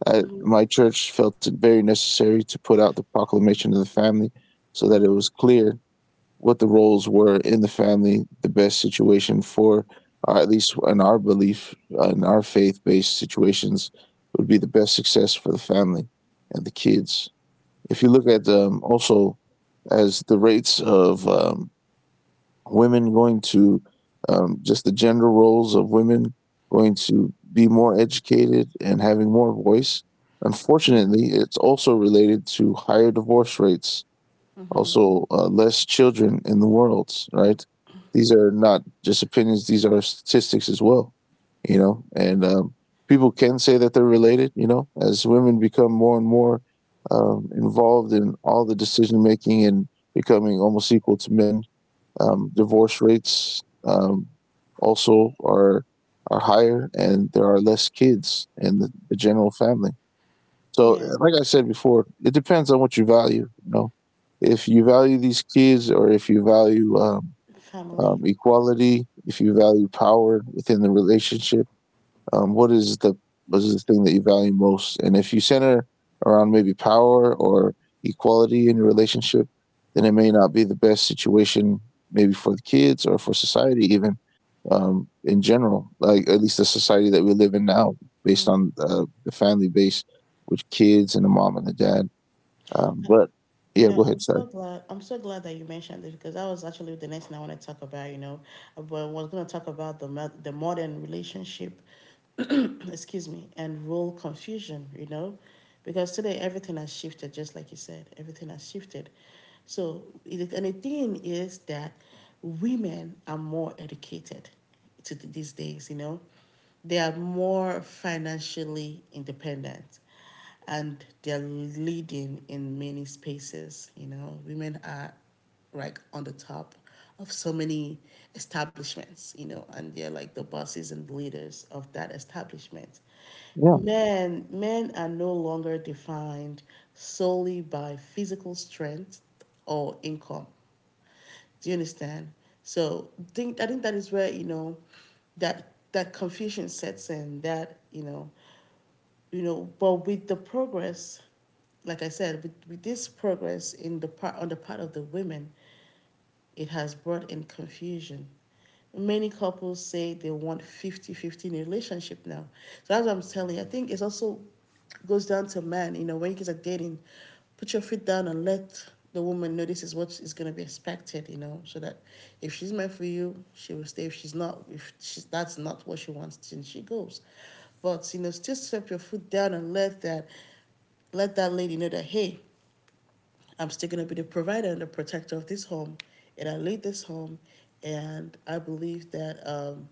[SPEAKER 1] Mm-hmm.
[SPEAKER 2] My church felt it very necessary to put out the proclamation of the family so that it was clear what the roles were in the family, the best situation for, or at least in our belief, in our faith based situations, would be the best success for the family and the kids. If you look at also as the rates of women going to just the gender roles of women going to be more educated and having more voice. Unfortunately, it's also related to higher divorce rates, also less children in the world, right? These are not just opinions, these are statistics as well, you know? And people can say that they're related, you know, as women become more and more involved in all the decision making and becoming almost equal to men, divorce rates, also are higher, and there are less kids in the general family. So,
[SPEAKER 1] Yeah,
[SPEAKER 2] like I said before, it depends on what you value. You know, if you value these kids, or if you value
[SPEAKER 1] family.
[SPEAKER 2] equality, if you value power within the relationship, what is the, what is the thing that you value most? And if you center around maybe power or equality in your relationship, then it may not be the best situation maybe for the kids or for society even, in general. Like at least the society that we live in now, based on the family base with kids and the mom and the dad. But
[SPEAKER 1] You
[SPEAKER 2] yeah,
[SPEAKER 1] know,
[SPEAKER 2] go
[SPEAKER 1] I'm
[SPEAKER 2] ahead, sorry.
[SPEAKER 1] so glad. I'm so glad that you mentioned this because that was actually the next thing I want to talk about. You know, but I was going to talk about the the modern relationship, excuse me, and role confusion. You know, because today everything has shifted, just like you said, everything has shifted. So, it, and the thing is that women are more educated to these days. You know, they are more financially independent and they're leading in many spaces. You know, women are like on the top of so many establishments, you know, and they're like the bosses and leaders of that establishment.
[SPEAKER 2] Yeah,
[SPEAKER 1] Men are no longer defined solely by physical strength or income. Do you understand? So think I think that is where you know that that confusion sets in. That you know, but with the progress, like I said, with this progress in the part on the part of the women, it has brought in confusion. Many couples say they want fifty-fifty in a relationship now. So that's what I'm telling you. I think it's also goes down to man, you know, when you guys are dating, put your feet down and let the woman know this is what is going to be expected, you know, so that if she's meant for you, she will stay. If she's not, if she's, that's not what she wants, then she goes. But, you know, still step your foot down and let that lady know that, hey, I'm still going to be the provider and the protector of this home. And I lead this home. And I believe that,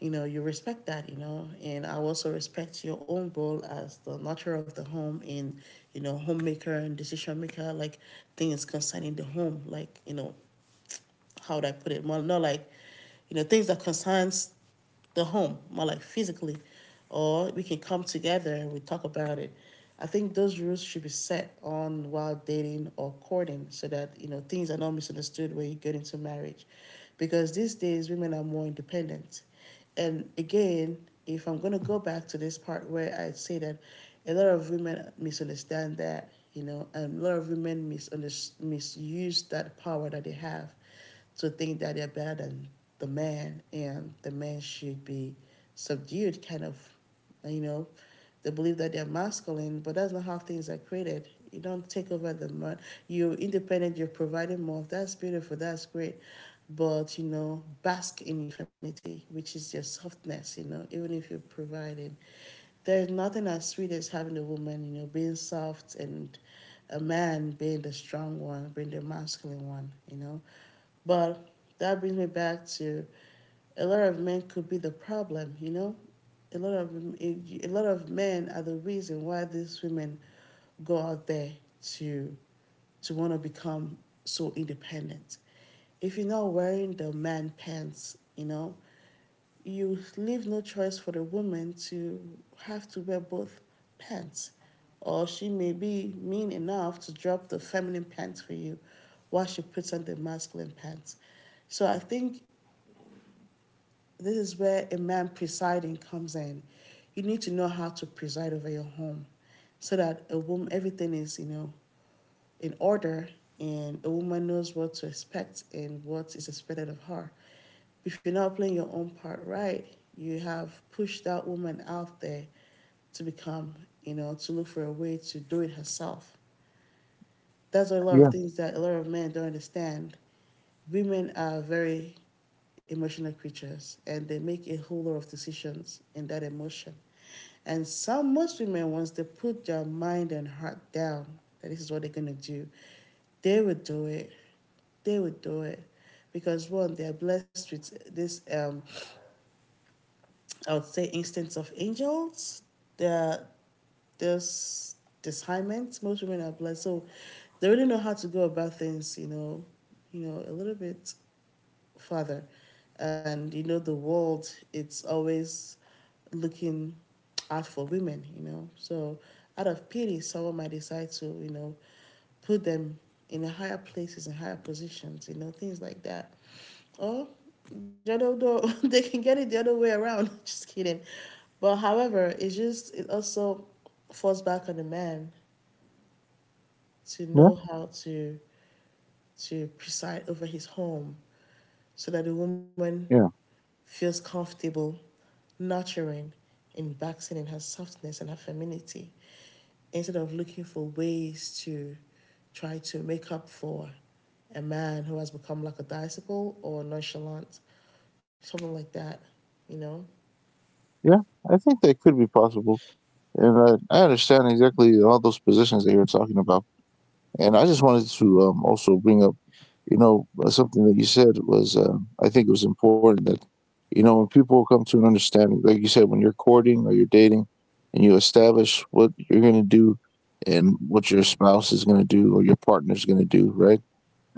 [SPEAKER 1] you know, you respect that, you know. And I also respect your own role as the nurturer of the home and, you know, homemaker and decision maker, like things concerning the home, like, you know, how would I put it? Well, not like, you know, things that concerns the home, more like physically, or we can come together and we talk about it. I think those rules should be set on while dating or courting so that you know things are not misunderstood when you get into marriage, because these days women are more independent. And again, if I'm gonna go back to this part where I say that a lot of women misunderstand that you know, and a lot of women misunderstand, misuse that power that they have to think that they're better than the man and the man should be subdued, kind of, you know. They believe that they're masculine, but that's not how things are created. You don't take over the man. You're independent, you're providing more. That's beautiful, that's great. But, you know, bask in your femininity, which is your softness, you know, even if you're providing. There's nothing as sweet as having a woman, you know, being soft and a man being the strong one, being the masculine one, you know. But that brings me back to a lot of men could be the problem, you know? A lot of a lot of men are the reason why these women go out there to to want to become so independent. If you're not wearing the man pants, you know, you leave no choice for the woman to have to wear both pants. Or she may be mean enough to drop the feminine pants for you while she puts on the masculine pants. So I think this is where a man presiding comes in. You need to know how to preside over your home so that a woman, everything is, you know, in order and a woman knows what to expect and what is expected of her. If you're not playing your own part right, you have pushed that woman out there to become, you know, to look for a way to do it herself. That's a lot of
[SPEAKER 2] yeah,
[SPEAKER 1] things that a lot of men don't understand. Women are very emotional creatures and they make a whole lot of decisions in that emotion. And some most women, once they put their mind and heart down that this is what they're gonna do, they would do it. They would do it. Because one, they are blessed with this I would say instance of angels. They're there's discernment. Most women are blessed. So they really know how to go about things, you know, a little bit father. And you know, the world, it's always looking out for women, you know. So out of pity, someone might decide to, you know, put them in higher places, in higher positions, you know, things like that. Or you know, no, they can get it the other way around. Just kidding. But however, it also falls back on the man to
[SPEAKER 2] yeah,
[SPEAKER 1] know how to preside over his home so that the woman
[SPEAKER 2] yeah,
[SPEAKER 1] feels comfortable, nurturing, and basking in her softness and her femininity instead of looking for ways to try to make up for a man who has become like a bicycle or nonchalant, something like that, you know?
[SPEAKER 2] yeah. I think that could be possible, and I understand exactly all those positions that you were talking about. And I just wanted to also bring up, you know, something that you said was, I think it was important that, you know, when people come to an understanding, like you said, when you're courting or you're dating, and you establish what you're going to do and what your spouse is going to do or your partner is going to do, right?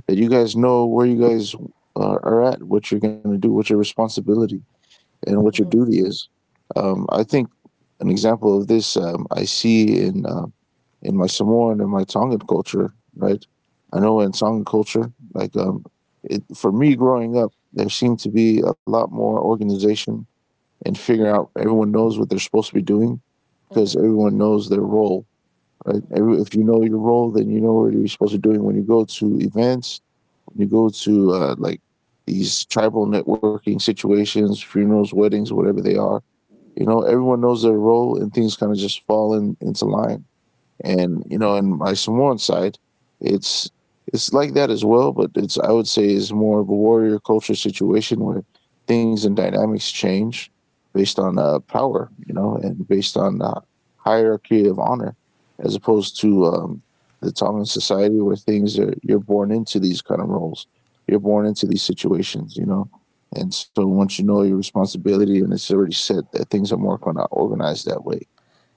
[SPEAKER 2] That you guys know where you guys are at, what you're going to do, what your responsibility and what your duty is. I think an example of this, I see in my Samoan and my Tongan culture, right? I know in Tongan culture, like it, for me growing up, there seemed to be a lot more organization and figuring out everyone knows what they're supposed to be doing because everyone knows their role, right? Every, if you know your role, then you know what you're supposed to be doing when you go to events, when you go to like these tribal networking situations, funerals, weddings, whatever they are, you know, everyone knows their role and things kind of just fall into line. And you know, on my Samoan side, it's it's like that as well, but it's, I would say, is more of a warrior culture situation where things and dynamics change based on power, you know, and based on hierarchy of honor, as opposed to the Tongan society where things are, you're born into these kind of roles, you're born into these situations, you know, and so once you know your responsibility and it's already set, that things more kind of organized that way.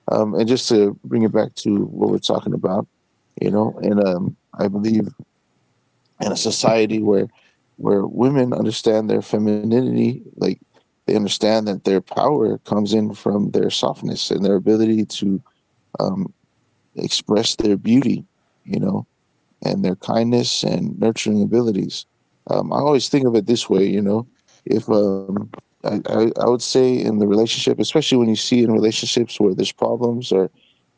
[SPEAKER 2] And just to bring it back to what we're talking about, you know, and I believe in a society where women understand their femininity, like they understand that their power comes in from their softness and their ability to um, express their beauty, you know, and their kindness and nurturing abilities. I always think of it this way, you know, if I would say in the relationship, especially when you see relationships where there's problems or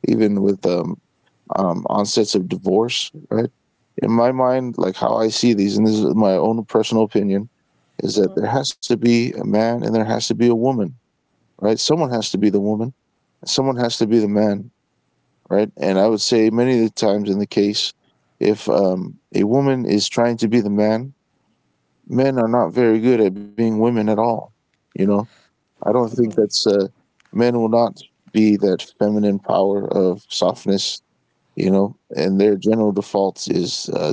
[SPEAKER 2] even with onsets of divorce, right? In my mind, like how I see these, and this is my own personal opinion, is
[SPEAKER 1] Uh
[SPEAKER 2] that
[SPEAKER 1] huh.
[SPEAKER 2] there has to be a man and there has to be a woman, right? Someone has to be the woman, someone has to be the man, right? And I would say many of the times in the case, if a woman is trying to be the man, men are not very good at being women at all. You know, I don't think that's men will not be that feminine power of softness, you know, and their general defaults is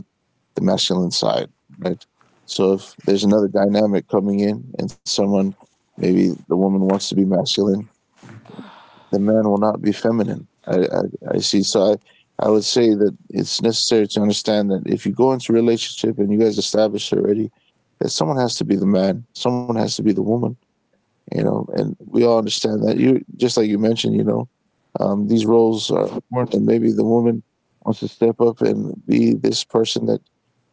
[SPEAKER 2] the masculine side, right? So if there's another dynamic coming in and someone, maybe the woman wants to be masculine, the man will not be feminine. I see. So I would say that it's necessary to understand that if you go into a relationship and you guys establish already that someone has to be the man, someone has to be the woman, you know, and we all understand that, you just like you mentioned, you know, these roles are important, and maybe the woman wants to step up and be this person that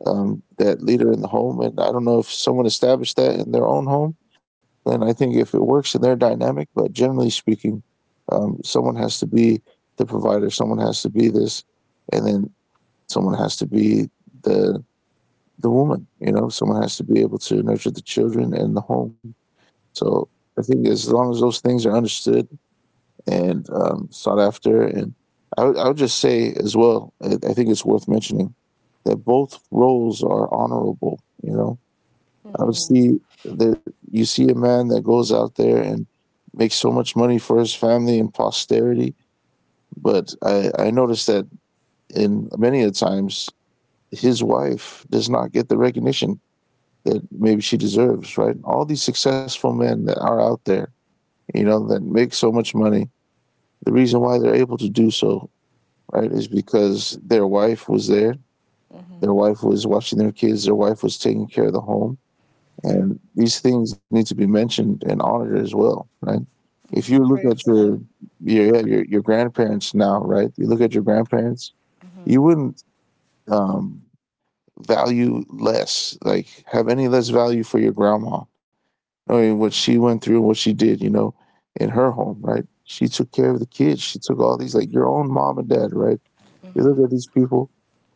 [SPEAKER 2] um, that leader in the home. And I don't know if someone established that in their own home, then I think if it works in their dynamic. But generally speaking, someone has to be the provider, someone has to be this, and then someone has to be the woman. You know, someone has to be able to nurture the children and the home. So I think as long as those things are understood and sought after, and I would just say as well, I think it's worth mentioning that both roles are honorable. You know,
[SPEAKER 1] Uh
[SPEAKER 2] I would
[SPEAKER 1] huh.
[SPEAKER 2] see that you see a man that goes out there and makes so much money for his family and posterity, but I noticed that in many of the times his wife does not get the recognition that maybe she deserves. Right, all these successful men that are out there, you know, that make so much money. The reason why they're able to do so, right, is because their wife was there, their wife was watching their kids, their wife was taking care of the home. And these things need to be mentioned and honored as well, right? If you look
[SPEAKER 1] Pray for
[SPEAKER 2] at
[SPEAKER 1] them.
[SPEAKER 2] your your grandparents now, right? You look at your grandparents, you wouldn't um, value less, like have any less value for your grandma, knowing what she went through and what she did, you know, in her home, right? She took care of the kids. She took all these, like your own mom and dad, right? You look at these people,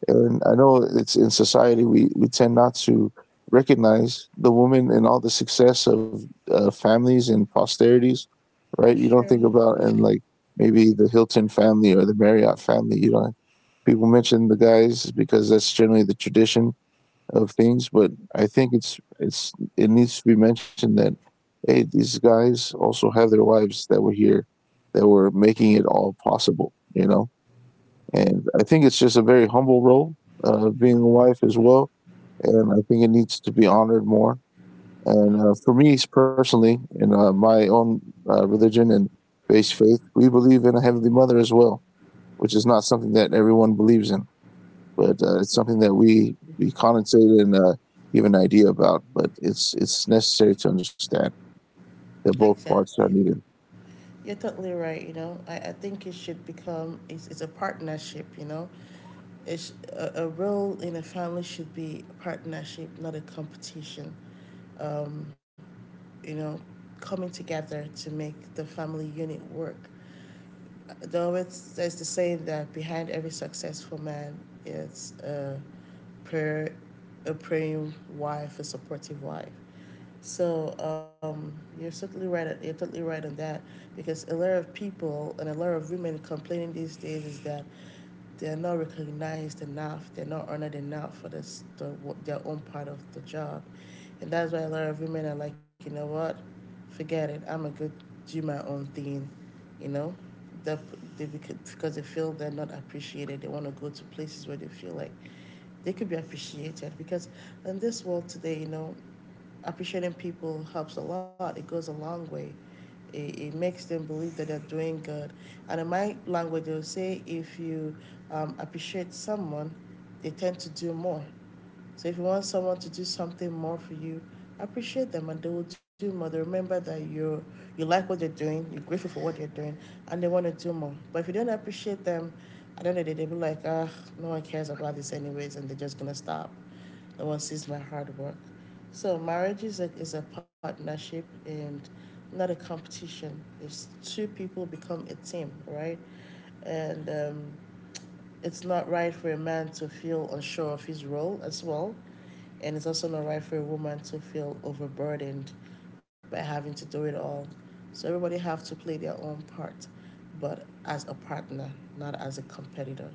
[SPEAKER 2] and I know it's in society, we tend not to recognize the woman and all the success of families and posterities,
[SPEAKER 1] That's
[SPEAKER 2] right? You don't
[SPEAKER 1] true.
[SPEAKER 2] think about, and like maybe the Hilton family or the Marriott family, you know, people mention the guys because that's generally the tradition of things, but I think it needs to be mentioned that hey, these guys also have their wives that were here, that were making it all possible, you know. And I think it's just a very humble role, being a wife as well, and I think it needs to be honored more. And for me personally, in my own religion and based faith, we believe in a heavenly mother as well, which is not something that everyone believes in, but it's something that we connotate and give an idea about. But it's necessary to understand that both parts are
[SPEAKER 1] Exactly.
[SPEAKER 2] needed.
[SPEAKER 1] You're totally right. You know, I think it should become it's a partnership. You know, it's a role in a family should be a partnership, not a competition. Um, you know, coming together to make the family unit work though it's there's the saying that behind every successful man is a prayer a praying wife, a supportive wife. So you're certainly right. You're totally right on that, because a lot of people and a lot of women complaining these days is that they're not recognized enough, they're not honored enough for their own part of the job. And that's why a lot of women are like, you know what, forget it, I'm a good, do my own thing, you know? They, they, because they feel they're not appreciated, they want to go to places where they feel like they could be appreciated because in this world today, you know, appreciating people helps a lot. It goes a long way. It makes them believe that they're doing good. And in my language, they'll say if you appreciate someone, they tend to do more. So if you want someone to do something more for you, appreciate them and they will do more. They remember that you like what they're doing, you're grateful for what they're doing, and they want to do more. But if you don't appreciate them, at the end of the day, they'll be like, ah, no one cares about this anyways, and they're just gonna stop. No one sees my hard work. So marriage is a partnership and not a competition. It's two people become a team, right? And it's not right for a man to feel unsure of his role as well. And it's also not right for a woman to feel overburdened by having to do it all. So everybody have to play their own part, but as a partner, not as a competitor.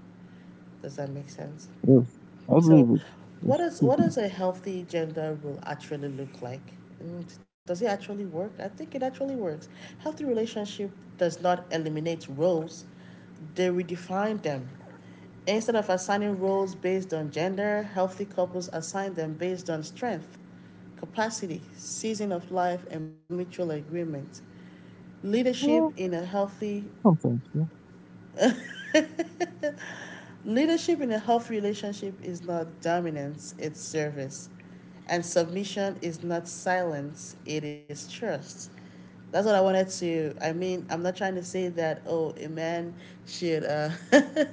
[SPEAKER 1] Does that make sense?
[SPEAKER 2] Yes, I
[SPEAKER 1] So,
[SPEAKER 2] believe it.
[SPEAKER 1] what
[SPEAKER 2] It's
[SPEAKER 1] does a healthy gender role actually look like? Mm. Does it actually work? I think it actually works. Healthy relationship does not eliminate roles; they redefine them. Instead of assigning roles based on gender, healthy couples assign them based on strength, capacity, season of life, and mutual agreement.
[SPEAKER 2] well,
[SPEAKER 1] Leadership in a healthy
[SPEAKER 2] sometimes, yeah.
[SPEAKER 1] Leadership in a healthy relationship is not dominance, it's service. And submission is not silence, it is trust. That's what I wanted to. I mean, I'm not trying to say that, oh, a man should.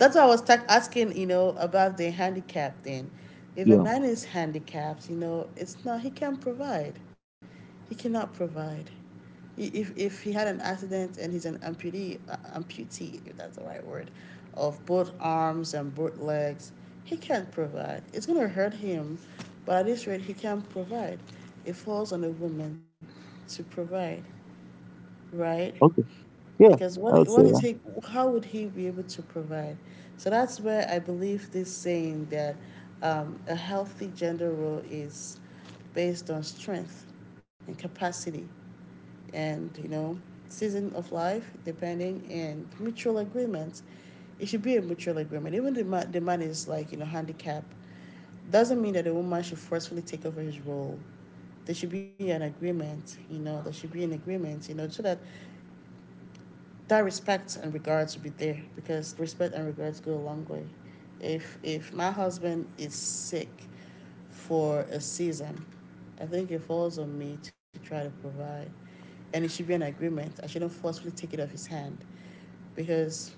[SPEAKER 1] that's why I was asking, you know, about the handicap thing. If a
[SPEAKER 2] Yeah.
[SPEAKER 1] man is handicapped, you know, it's not, he can provide. He cannot provide if he had an accident and he's an amputee, amputee if that's the right word, of both arms and both legs, he can't provide. It's gonna hurt him, but at this rate, he can't provide. It falls on the woman to provide, right?
[SPEAKER 2] Okay. Yeah,
[SPEAKER 1] Because
[SPEAKER 2] I
[SPEAKER 1] what
[SPEAKER 2] would say
[SPEAKER 1] what is
[SPEAKER 2] that.
[SPEAKER 1] he, how would he be able to provide? So that's where I believe this saying that a healthy gender role is based on strength and capacity and you know season of life depending and mutual agreement. It should be a mutual agreement. Even the man is like you know handicapped doesn't mean that the woman should forcefully take over his role. There should be an agreement, you know, there should be an agreement, you know, so that that respect and regards will be there because respect and regards go a long way. If my husband is sick for a season, I think it falls on me to try to provide. And it should be an agreement. I shouldn't forcefully take it off his hand because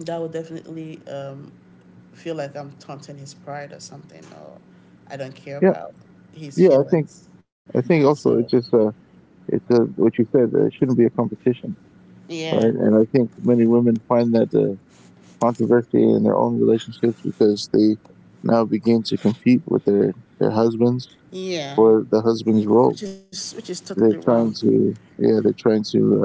[SPEAKER 1] that would definitely feel like I'm taunting his pride or something, or I don't care
[SPEAKER 2] Yeah.
[SPEAKER 1] about his
[SPEAKER 2] Yeah,
[SPEAKER 1] feelings.
[SPEAKER 2] I think also
[SPEAKER 1] So,
[SPEAKER 2] it's just it's what you said. It shouldn't be a competition, right?
[SPEAKER 1] yeah,
[SPEAKER 2] And I think many women find that controversy in their own relationships because they now begin to compete with their husbands
[SPEAKER 1] yeah,
[SPEAKER 2] for the husband's role.
[SPEAKER 1] which is totally
[SPEAKER 2] They're
[SPEAKER 1] wrong.
[SPEAKER 2] trying to, yeah, they're trying to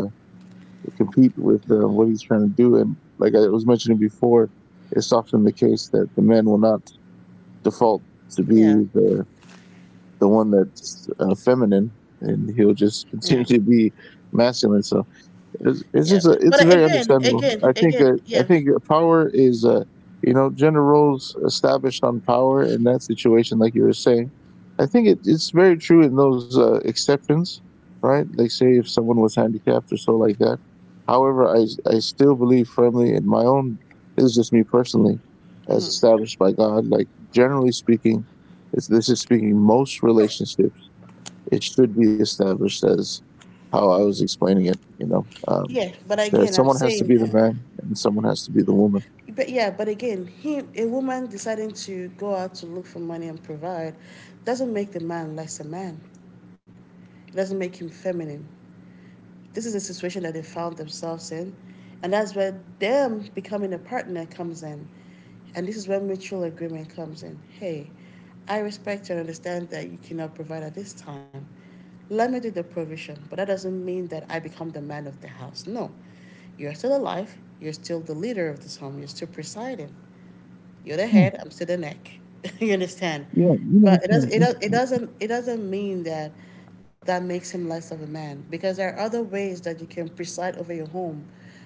[SPEAKER 2] compete with what he's trying to do. And like I was mentioning before, it's often the case that the man will not default to be
[SPEAKER 1] Yeah.
[SPEAKER 2] the one that's feminine, and he'll just
[SPEAKER 1] Yeah,
[SPEAKER 2] continue to be masculine. So it's
[SPEAKER 1] yeah.
[SPEAKER 2] just a, it's
[SPEAKER 1] But
[SPEAKER 2] very
[SPEAKER 1] again,
[SPEAKER 2] understandable.
[SPEAKER 1] again, again,
[SPEAKER 2] I
[SPEAKER 1] yeah,
[SPEAKER 2] think power is you know, gender roles established on power in that situation, like you were saying. I think it's very true in those exceptions, right? Like say if someone was handicapped or so like that. However, I still believe firmly in my own. This is just me personally, as established by God. Like generally speaking, it's, this is speaking most relationships, it should be established as how I was explaining it. You know,
[SPEAKER 1] yeah. But
[SPEAKER 2] there
[SPEAKER 1] again, I'm
[SPEAKER 2] someone has to be
[SPEAKER 1] saying,
[SPEAKER 2] the man and someone has to be the woman.
[SPEAKER 1] but yeah, but again, a woman deciding to go out to look for money and provide doesn't make the man less a man. It doesn't make him feminine. This is a situation that they found themselves in. And that's where them becoming a partner comes in. And this is where mutual agreement comes in. Hey, I respect and understand that you cannot provide at this time. Let me do the provision, but that doesn't mean that I become the man of the house. No, you're still alive, you're still the leader of this home, you're still presiding. You're the
[SPEAKER 2] Yeah,
[SPEAKER 1] head, I'm still the neck. You understand?
[SPEAKER 2] yeah, you know,
[SPEAKER 1] But
[SPEAKER 2] it's kind of
[SPEAKER 1] it doesn't mean that that makes him less of a man because there are other ways that you can preside over your home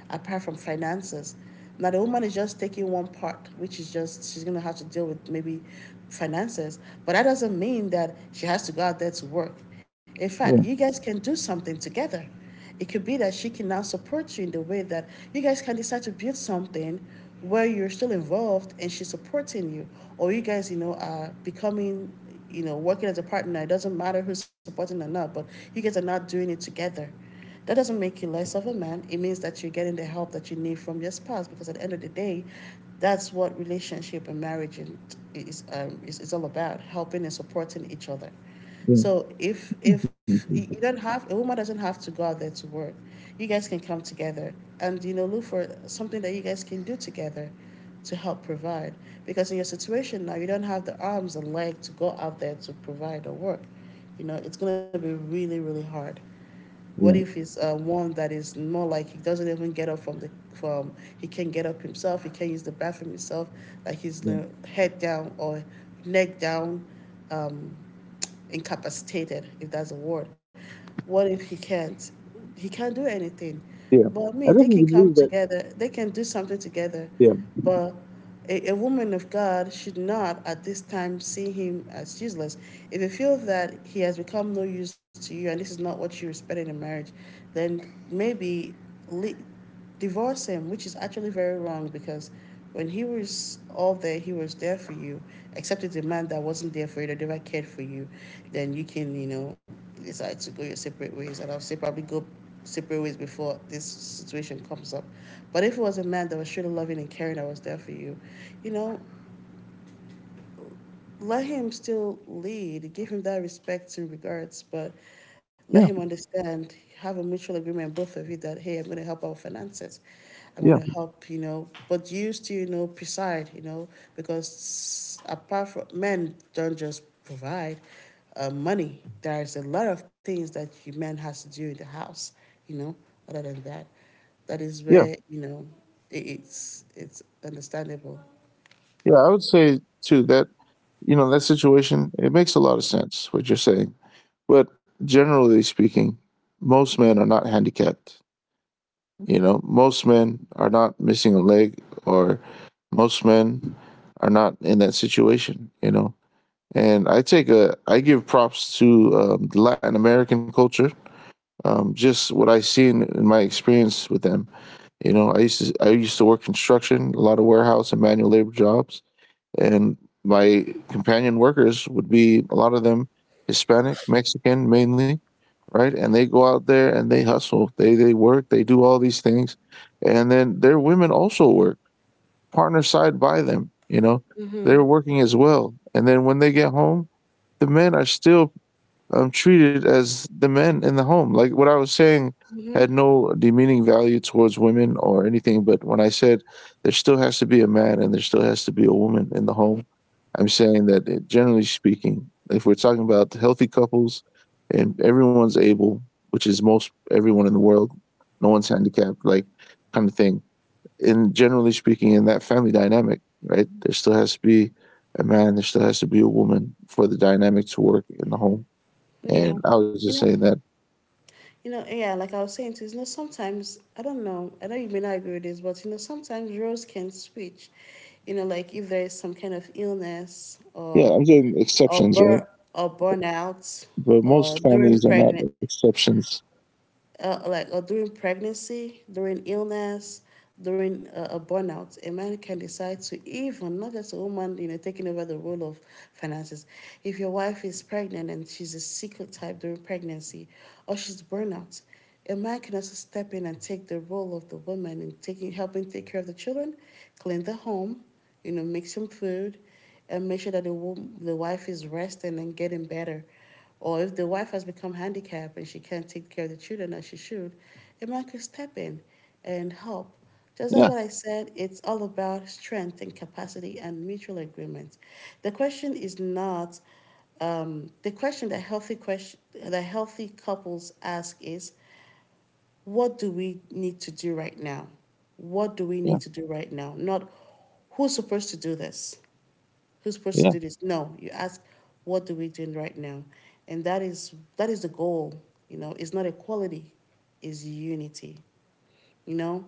[SPEAKER 1] apart from finances. Now the woman is just taking one part, which is just she's gonna have to deal with maybe finances. But that doesn't mean that she has to go out there to work. In fact, you
[SPEAKER 2] Yeah.
[SPEAKER 1] guys can do something together. It could be that she can now support you in the way that you guys can decide to build something where you're still involved and she's supporting you, or you guys, you know, are becoming, you know, working as a partner. It doesn't matter who's supporting or not, but you guys are not doing it together. That doesn't make you less of a man. It means that you're getting the help that you need from your spouse because at the end of the day, that's what relationship and marriage is, is all about helping and supporting each other.
[SPEAKER 2] Yeah,
[SPEAKER 1] So if you don't have a woman, doesn't have to go out there to work, you guys can come together and you know look for something that you guys can do together to help provide. Because in your situation now, you don't have the arms and legs to go out there to provide or work. You know it's gonna be really really hard. What if it's one that is more like he doesn't even get up from the from he can not get up himself, he can not use the bathroom himself, like he's you
[SPEAKER 2] yeah,
[SPEAKER 1] know, head down or neck down, um, incapacitated if that's a word. What if he can't? He can't do anything.
[SPEAKER 2] yeah,
[SPEAKER 1] But I
[SPEAKER 2] I
[SPEAKER 1] mean, they can
[SPEAKER 2] definitely
[SPEAKER 1] come
[SPEAKER 2] believe that.
[SPEAKER 1] together. They can do something together,
[SPEAKER 2] Yeah,
[SPEAKER 1] but a woman of God should not at this time see him as useless. If you feel that he has become no use to you and this is not what you expected in marriage, then maybe le- divorce him, which is actually very wrong because when he was all there, he was there for you. Except it's a man that wasn't there for you, that never cared for you, then you can, you know, decide to go your separate ways. And I'll say probably go separate ways before this situation comes up. But if it was a man that was truly loving and caring, that was there for you, you know, let him still lead, give him that respect and regards, but let
[SPEAKER 2] yeah,
[SPEAKER 1] him understand, have a mutual agreement, both of you, that hey, I'm going to help our finances. I'm
[SPEAKER 2] yeah,
[SPEAKER 1] going to help, you know, but you still, you know, preside, you know, because apart from men don't just provide money. There's a lot of things that you man has to do in the house, you know, other than that. That is
[SPEAKER 2] yeah,
[SPEAKER 1] where, you know, it's understandable.
[SPEAKER 2] yeah. I would say too that you know that situation it makes a lot of sense what you're saying, but generally speaking, most men are not handicapped. You know, most men are not missing a leg, or most men are not in that situation. You know, and I take a, I give props to the Latin American culture. Just what I seen in my experience with them. You know, I used to work construction, a lot of warehouse and manual labor jobs and my companion workers would be a lot of them Hispanic, Mexican mainly, right? And they go out there and they hustle, they work, they do all these things, and then their women also work, partner side by them, you know, they're
[SPEAKER 1] Mm-hmm.
[SPEAKER 2] working as well. And then when they get home, the men are still treated as the men in the home. Like what I was saying
[SPEAKER 1] Mm-hmm.
[SPEAKER 2] had no demeaning value towards women or anything, but when I said there still has to be a man and there still has to be a woman in the home, I'm saying that it, generally speaking, if we're talking about healthy couples and everyone's able, which is most everyone in the world, no one's handicapped, like kind of thing. And generally speaking, in that family dynamic, right, there still has to be a man, there still has to be a woman for the dynamic to work in the home. And
[SPEAKER 1] Yeah.
[SPEAKER 2] I was
[SPEAKER 1] You
[SPEAKER 2] just
[SPEAKER 1] know,
[SPEAKER 2] saying that,
[SPEAKER 1] You know, yeah, like I was saying, to you, you know, sometimes, I don't know, I know you may not agree with this, but, you know, sometimes roles can switch. You know, like if there is some kind of illness
[SPEAKER 2] yeah, I'm getting
[SPEAKER 1] or
[SPEAKER 2] exceptions, right?
[SPEAKER 1] burn or burnout
[SPEAKER 2] But
[SPEAKER 1] or
[SPEAKER 2] most
[SPEAKER 1] during
[SPEAKER 2] families are not
[SPEAKER 1] pregnant
[SPEAKER 2] exceptions.
[SPEAKER 1] during pregnancy, during illness, during a burnout, a man can decide to even, not just a woman, you know, taking over the role of finances. If your wife is pregnant and she's a secret type during pregnancy or she's burnout, a man can also step in and take the role of the woman in taking, helping take care of the children, clean the home, you know, make some food, and make sure that the wife is resting and getting better. Or if the wife has become handicapped and she can't take care of the children as she should, a man could step in and help. Just as
[SPEAKER 2] Yeah,
[SPEAKER 1] what I said, it's all about strength and capacity and mutual agreement. The question is not The question that healthy couples ask is, what do we need to do right now? What do we
[SPEAKER 2] yeah,
[SPEAKER 1] need to do right now? Not who's supposed to do this who's supposed
[SPEAKER 2] yeah,
[SPEAKER 1] to do this? No, you ask, what do we doing right now? And that is the goal. You know, it's not equality, it's unity you know.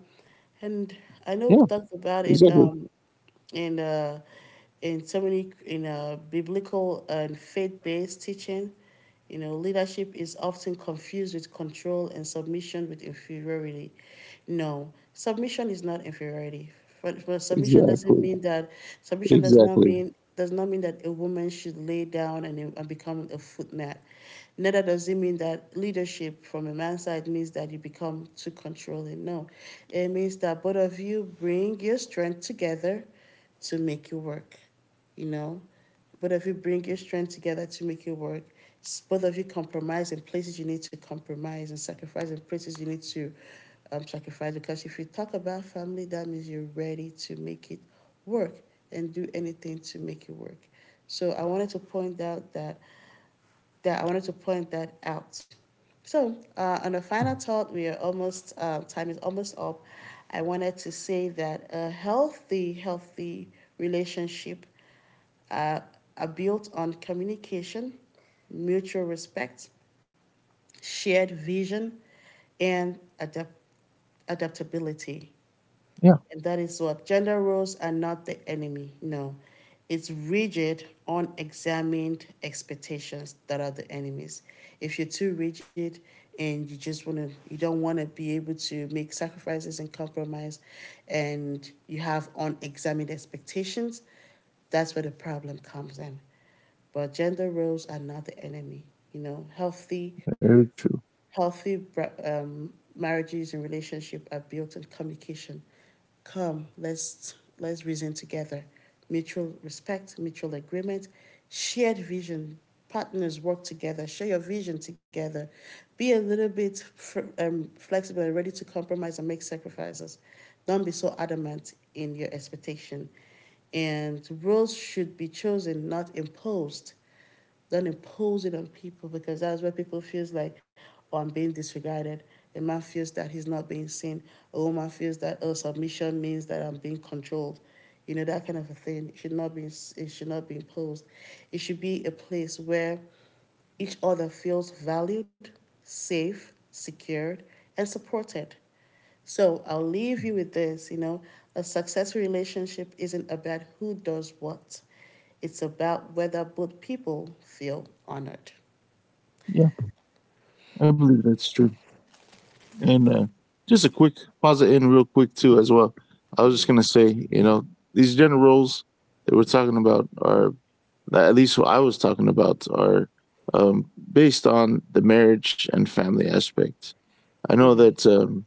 [SPEAKER 1] And I know
[SPEAKER 2] yeah,
[SPEAKER 1] we've talked about it
[SPEAKER 2] exactly,
[SPEAKER 1] in uh, in so many in biblical and faith-based teaching. You know, leadership is often confused with control and submission with inferiority. No, submission is not inferiority. But submission doesn't
[SPEAKER 2] exactly,
[SPEAKER 1] mean that submission does not
[SPEAKER 2] exactly.
[SPEAKER 1] mean does not mean that a woman should lay down and become a footmat. Neither does it mean that leadership from a man's side means that you become too controlling. No, it means that both of you bring your strength together to make it work. You know, both of you bring your strength together to make it work. Both of you compromise in places you need to compromise and sacrifice in places you need to sacrifice. Because if you talk about family, that means you're ready to make it work and do anything to make it work. So I wanted to point out that I wanted to point that out. So, on a final thought, we are almost time is almost up. I wanted to say that a healthy relationship uh, are built on communication, mutual respect, shared vision, and adaptability.
[SPEAKER 2] Yeah,
[SPEAKER 1] And that is what gender roles are not the enemy. No, it's rigid, unexamined expectations that are the enemies. If you're too rigid and you just want to, you don't want to be able to make sacrifices and compromise, and you have unexamined expectations, that's where the problem comes in. But gender roles are not the enemy. You know, healthy
[SPEAKER 2] very true.
[SPEAKER 1] Healthy marriages and relationship are built on communication. Come, let's reason together. Mutual respect, mutual agreement, shared vision. Partners work together. Share your vision together. Be a little bit flexible and ready to compromise and make sacrifices. Don't be so adamant in your expectation. And roles should be chosen, not imposed. Don't impose it on people because that's where people feels like, oh, I'm being disregarded. A man feels that he's not being seen. A woman feels that oh, submission means that I'm being controlled. You know that kind of a thing. It should not be. It should not be imposed. It should be a place where each other feels valued, safe, secured, and supported. So I'll leave you with this, you know, a successful relationship isn't about who does what, it's about whether both people feel honored.
[SPEAKER 2] Yeah, I believe that's true. And just a quick pause it in real quick too, as well. I was just gonna say, you know, these general roles that we're talking about are, at least what I was talking about, are based on the marriage and family aspect. I know
[SPEAKER 1] Mm-hmm,
[SPEAKER 2] that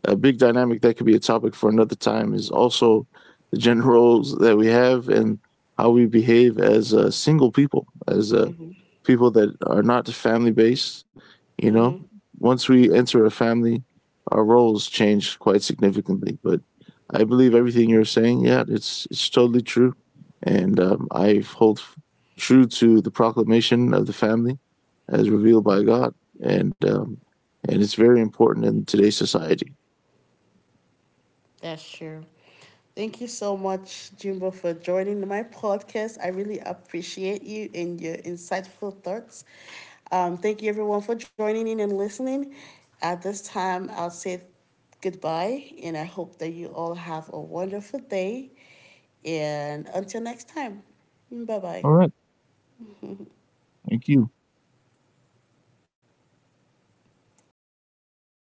[SPEAKER 2] a big dynamic that could be a topic for another time is also the gender roles that we have and how we behave as single people, as
[SPEAKER 1] mm-hmm,
[SPEAKER 2] people that are not family based. You
[SPEAKER 1] mm-hmm.
[SPEAKER 2] know, once we enter a family, our roles change quite significantly. But I believe everything you're saying. Yeah, it's totally true, and I hold true to the proclamation of the family as revealed by God, and and it's very important in today's society.
[SPEAKER 1] That's true. Thank you so much, Jimbo, for joining my podcast. I really appreciate you and your insightful thoughts. Thank you, everyone, for joining in and listening. At this time, I'll say goodbye, and I hope that you all have a wonderful day. And until next time, bye bye.
[SPEAKER 2] All right. Thank you.